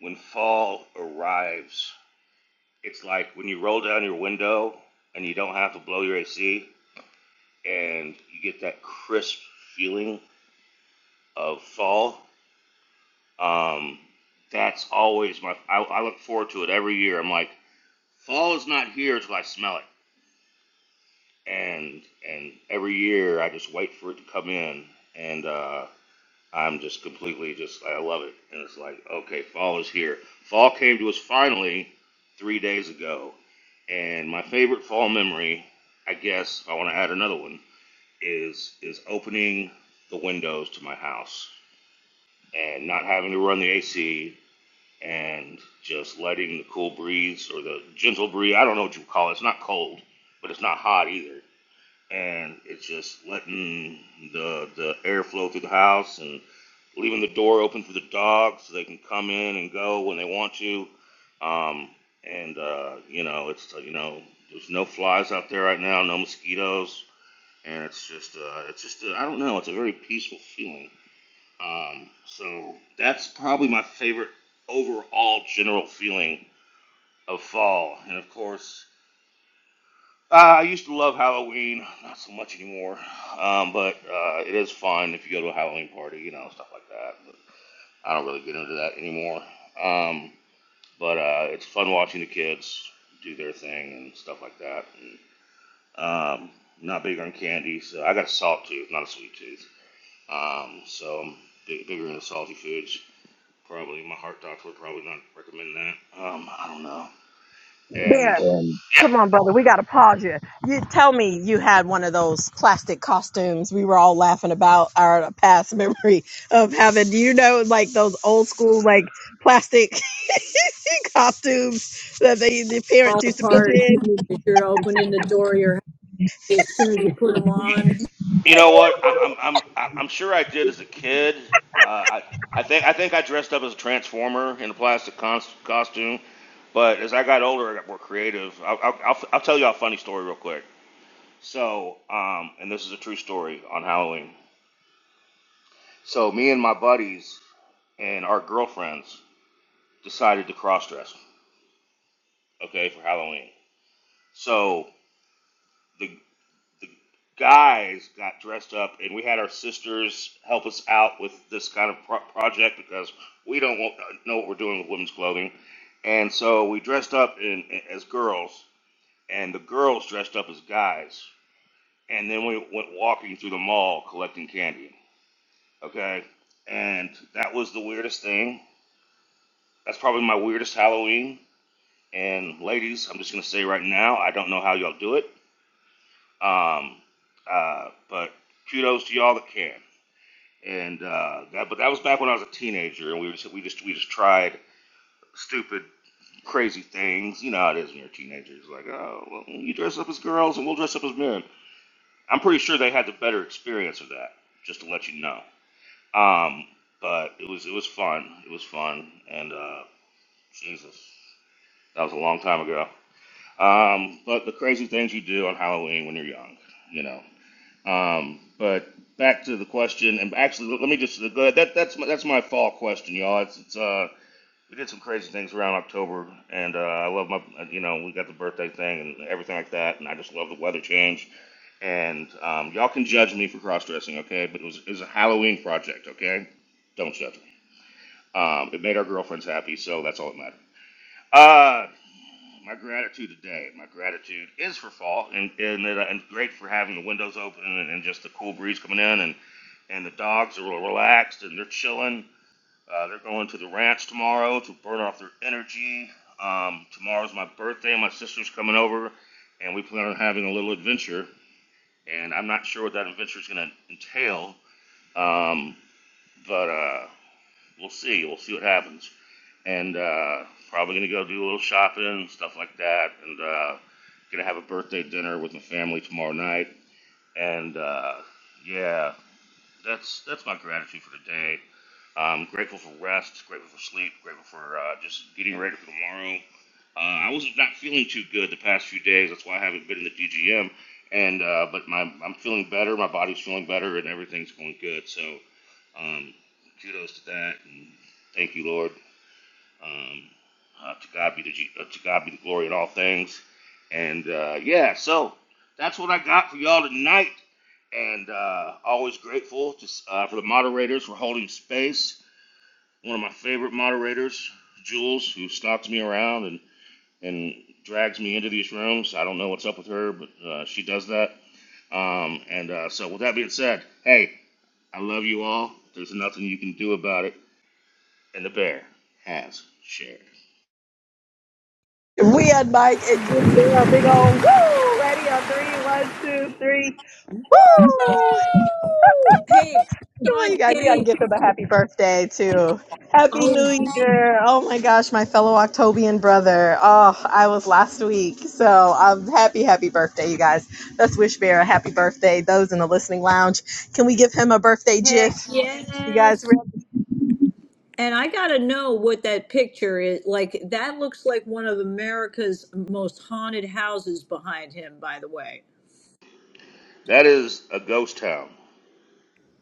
S12: when fall arrives It's like when you roll down your window and you don't have to blow your AC and you get that crisp feeling of fall. Um, that's always my. I, I look forward to it every year. I'm like, fall is not here until I smell it, and and every year I just wait for it to come in. And uh, I'm just completely just I love it, and it's like okay, fall is here. Fall came to us finally three days ago, and my favorite fall memory, I guess, if I want to add another one, is is opening the windows to my house and not having to run the AC and just letting the cool breeze or the gentle breeze. I don't know what you call it. It's not cold, but it's not hot either and it's just letting the the air flow through the house and leaving the door open for the dogs so they can come in and go when they want to. Um, and uh, you know, it's uh, you know, there's no flies out there right now, no mosquitoes, and it's just uh, it's just uh, I don't know, it's a very peaceful feeling. Um, so that's probably my favorite overall general feeling of fall. And of course, uh, I used to love Halloween, not so much anymore. Um, but uh, it is fun if you go to a Halloween party, you know, stuff like that. But I don't really get into that anymore. Um, but uh, it's fun watching the kids do their thing and stuff like that. And, um, not big on candy, so I got a salt tooth, not a sweet tooth. Um, so I'm big, bigger into salty foods. Probably my heart doctor would probably not recommend that. Um, I don't know. And
S1: Darren, Um,
S12: yeah,
S1: come on, brother. We got to pause you. You tell me you had one of those plastic costumes we were all laughing about our past memory of having, do you know, like those old school, like plastic costumes that they, the
S4: Fall
S1: parents used to put
S4: apart
S1: you
S4: as you're
S1: in?
S4: opening the door of your house as soon as you put them on.
S12: You know what? I, I'm I'm I- I'm sure I did as a kid. Uh, I I think I think I dressed up as a transformer in a plastic cons- costume. But as I got older, I got more creative. I'll, I'll, I'll I'll tell you a funny story real quick. So, um, and this is a true story on Halloween. So, me and my buddies and our girlfriends decided to cross dress, okay, for Halloween. So, the the guys got dressed up, and we had our sisters help us out with this kind of pro- project because we don't want, know what we're doing with women's clothing. And so we dressed up in, as girls, and the girls dressed up as guys. And then we went walking through the mall collecting candy. Okay? And that was the weirdest thing. That's probably my weirdest Halloween. And ladies, I'm just going to say right now, I don't know how y'all do it. Um, uh, but kudos to y'all that can. and uh, that. But that was back when I was a teenager, and we just we just we just tried stupid, crazy things. You know how it is when you're a teenager. It's like, oh, well, you dress up as girls, and we'll dress up as men. I'm pretty sure they had the better experience of that. Just to let you know. Um, but it was it was fun. It was fun, and uh, Jesus, that was a long time ago. Um, but the crazy things you do on Halloween when you're young, you know. Um, but back to the question, and actually, let me just go ahead. That, that's my, that's my fall question, y'all. It's, it's uh, we did some crazy things around October, and uh, I love my, uh, you know, we got the birthday thing and everything like that, and I just love the weather change. And um, y'all can judge me for cross dressing, okay? But it was it was a Halloween project, okay? Don't judge me. Um, it made our girlfriends happy, so that's all that mattered. Uh, my gratitude today, my gratitude is for fall, and and, it, uh, and great for having the windows open and, and just the cool breeze coming in and and the dogs are relaxed and they're chilling. Uh, they're going to the ranch tomorrow to burn off their energy. Um, tomorrow's my birthday. My sister's coming over, and we plan on having a little adventure. And I'm not sure what that adventure is going to entail, um, but uh, we'll see. We'll see what happens. And uh, probably going to go do a little shopping, stuff like that. And uh, going to have a birthday dinner with my family tomorrow night. And uh, yeah, that's that's my gratitude for today. I'm grateful for rest, grateful for sleep, grateful for uh, just getting ready for tomorrow. Uh, I was not feeling too good the past few days. That's why I haven't been in the DGM. And uh, but my I'm feeling better. My body's feeling better, and everything's going good. So um, kudos to that, and thank you, Lord. Um, uh, to God be the G- uh, to God be the glory in all things. And uh, yeah, so that's what I got for y'all tonight. And uh, always grateful to, s- uh, for the moderators for holding space one of my favorite moderators, Jules, who stalks me around and, and drags me into these rooms. I don't know what's up with her, but uh, she does that. Um, and uh, so, with that being said, hey, I love you all. There's nothing you can do about it. And the bear has shared.
S1: We had Mike and you were a big old woo, ready on three, one, two, three,
S4: Woo!
S1: woo!
S4: Hey,
S1: Come on,
S4: Sean
S1: you guys. We got to
S4: K.
S1: give him a happy birthday, too. Happy
S4: Oh,
S1: New Year. Oh, my gosh, my fellow Octobian brother. Oh, I was last week. So I'm happy, happy birthday, you guys. Let's wish Bear a happy birthday. Those in the listening lounge, can we give him a birthday gif?
S4: heck
S1: You guys,
S4: yes. And I got to know what that picture is. Like, that looks like one of America's most haunted houses behind him, by the way.
S12: That is a ghost town.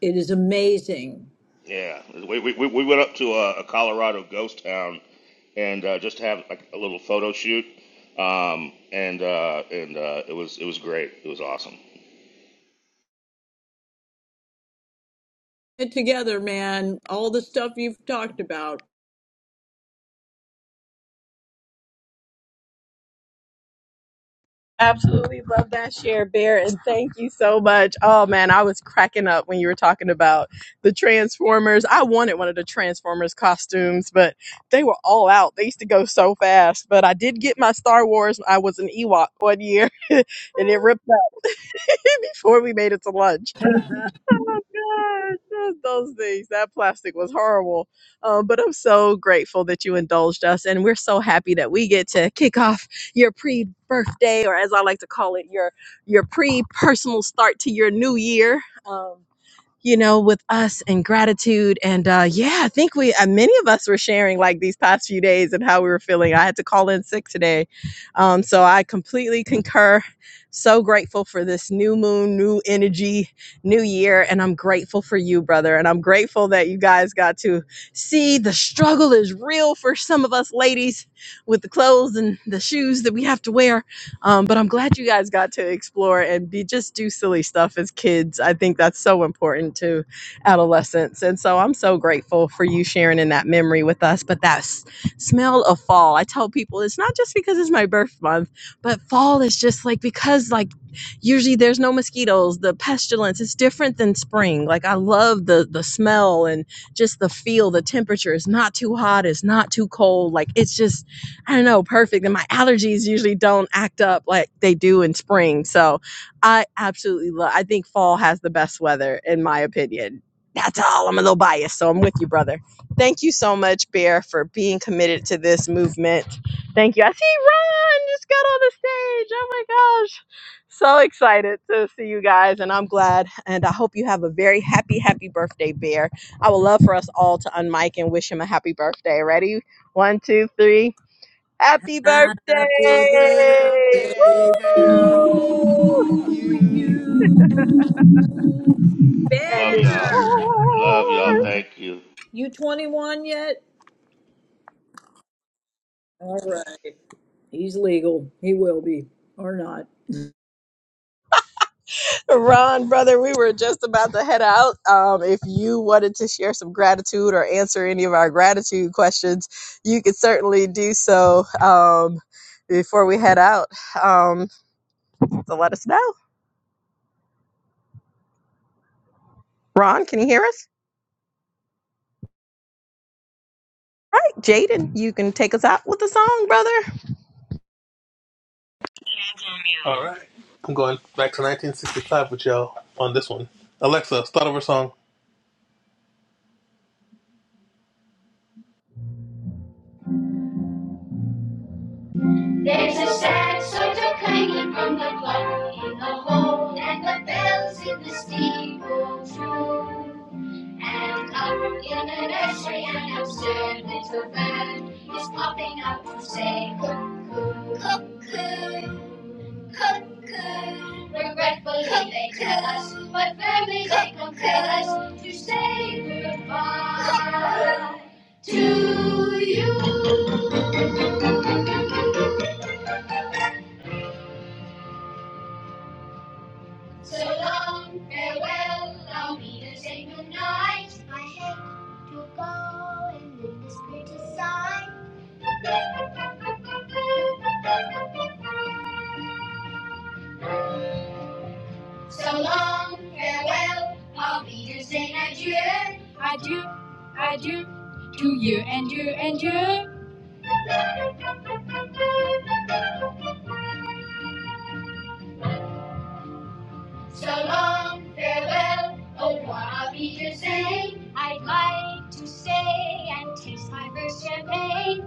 S4: It is amazing.
S12: Yeah, we, we, we went up to a, a Colorado ghost town and uh, just have like a little photo shoot. Um, and uh, and uh, it was it was great. It was awesome.
S4: Get together, man. All the stuff you've talked about.
S1: Absolutely love that share, Bear, and thank you so much. Oh man, I was cracking up when you were talking about the Transformers. I wanted one of the Transformers costumes, but they were all out. They used to go so fast. But I did get my Star Wars. I was an Ewok one year, and it ripped up before we made it to lunch. Oh my gosh, those those things. That plastic was horrible. Um, but I'm so grateful that you indulged us. And we're so happy that we get to kick off your pre birthday, or as I like to call it, your, your pre personal start to your new year. Um, you know, with us and gratitude. And uh, yeah, I think we, uh, many of us were sharing like these past few days and how we were feeling. I had to call in sick today um, so I completely concur. So grateful for this new moon, new energy, new year. And I'm grateful for you, brother. And I'm grateful that you guys got to see the struggle is real for some of us ladies with the clothes and the shoes that we have to wear. Um, but I'm glad you guys got to explore and be just do silly stuff as kids. I think that's so important to adolescence. And so I'm so grateful for you sharing in that memory with us. But that's smell of fall. I tell people it's not just because it's my birth month, but fall is just like because like usually there's no mosquitoes the pestilence it's different than spring like i love the the smell and just the feel the temperature is not too hot it's not too cold like it's just i don't know perfect and my allergies usually don't act up like they do in spring so i absolutely love i think fall has the best weather in my opinion that's all i'm a little biased so i'm with you brother thank you so much bear for being committed to this movement thank you i see ron just got on the stage oh my gosh so excited to see you guys, and I'm glad. And I hope you have a very happy, happy birthday, Bear. I would love for us all to unmic and wish him a happy birthday. Ready? One, two, three. Happy birthday!
S4: Happy
S11: Birthday,
S4: birthday
S11: birthday bear,
S4: to
S1: Woo!
S11: you
S4: you,
S1: And
S4: Bear.
S12: Love
S1: many
S12: y'all. Love y'all.
S1: more.
S12: Thank you.
S4: You 21 yet? All right. He's legal. He will be, or not.
S1: Ron, brother, we were just about to head out. Um, if you wanted to share some gratitude or answer any of our gratitude questions, you could certainly do so um, before we head out. Um, So let us know. Ron, can you hear us? All right, Jaden, you can take us out with a song, brother.
S3: All right, I'm going back to 1965 with y'all on this one. Alexa, start over song. There's a sad sort of clanging from the clock in the hall, and the bells in the steeple true. And up in the nursery an absurd little bird is popping out to say cuckoo. Regretfully they tell us, but firmly they compel us to say goodbye to you. So long, farewell, I'll meet us in good night. I had to go and leave this pretty sight. So long, farewell, auf Wiedersehen, adieu. So long, farewell, au revoir, auf Wiedersehen. I'd like to say and taste my first champagne.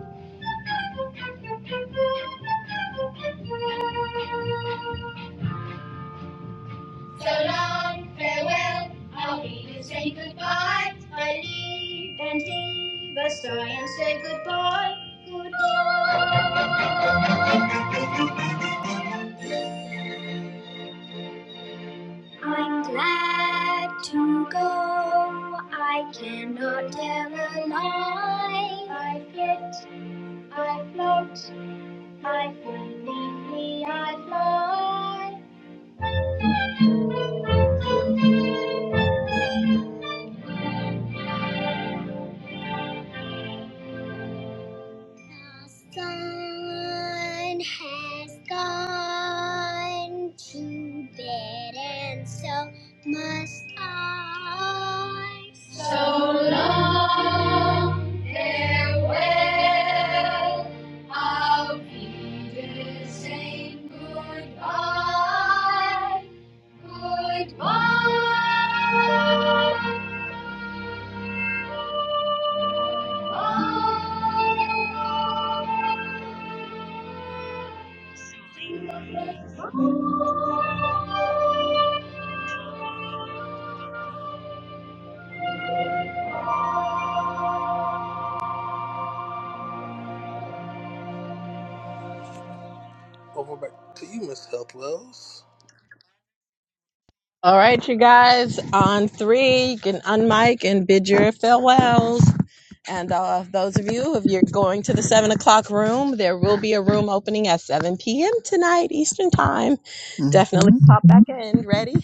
S3: So long, farewell, auf Wiedersehen, goodbye. I leave and leave a story and say goodbye, goodbye. I'm glad to go. I cannot tell a lie. I fit, I float, I fly, neatly I fly. The sun has gone to bed, and so must I. So long, farewell. Auf Wiedersehen, goodbye. Goodbye. Bye. Over back to you, Miss Health Wells.
S1: All right, you guys, on three, you can unmic and bid your farewells. And uh, those of you, if you're going to the seven o'clock room, there will be a room opening at 7 p.m. tonight, Eastern Time. Definitely
S6: Mm-hmm.
S1: pop back in. Ready?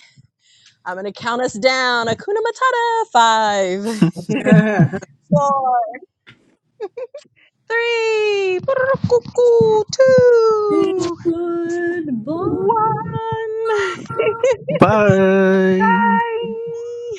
S1: I'm gonna count us down. Akuna Matata. Five, four, three, two,
S4: Good boy.
S1: one.
S6: Bye.
S1: Bye.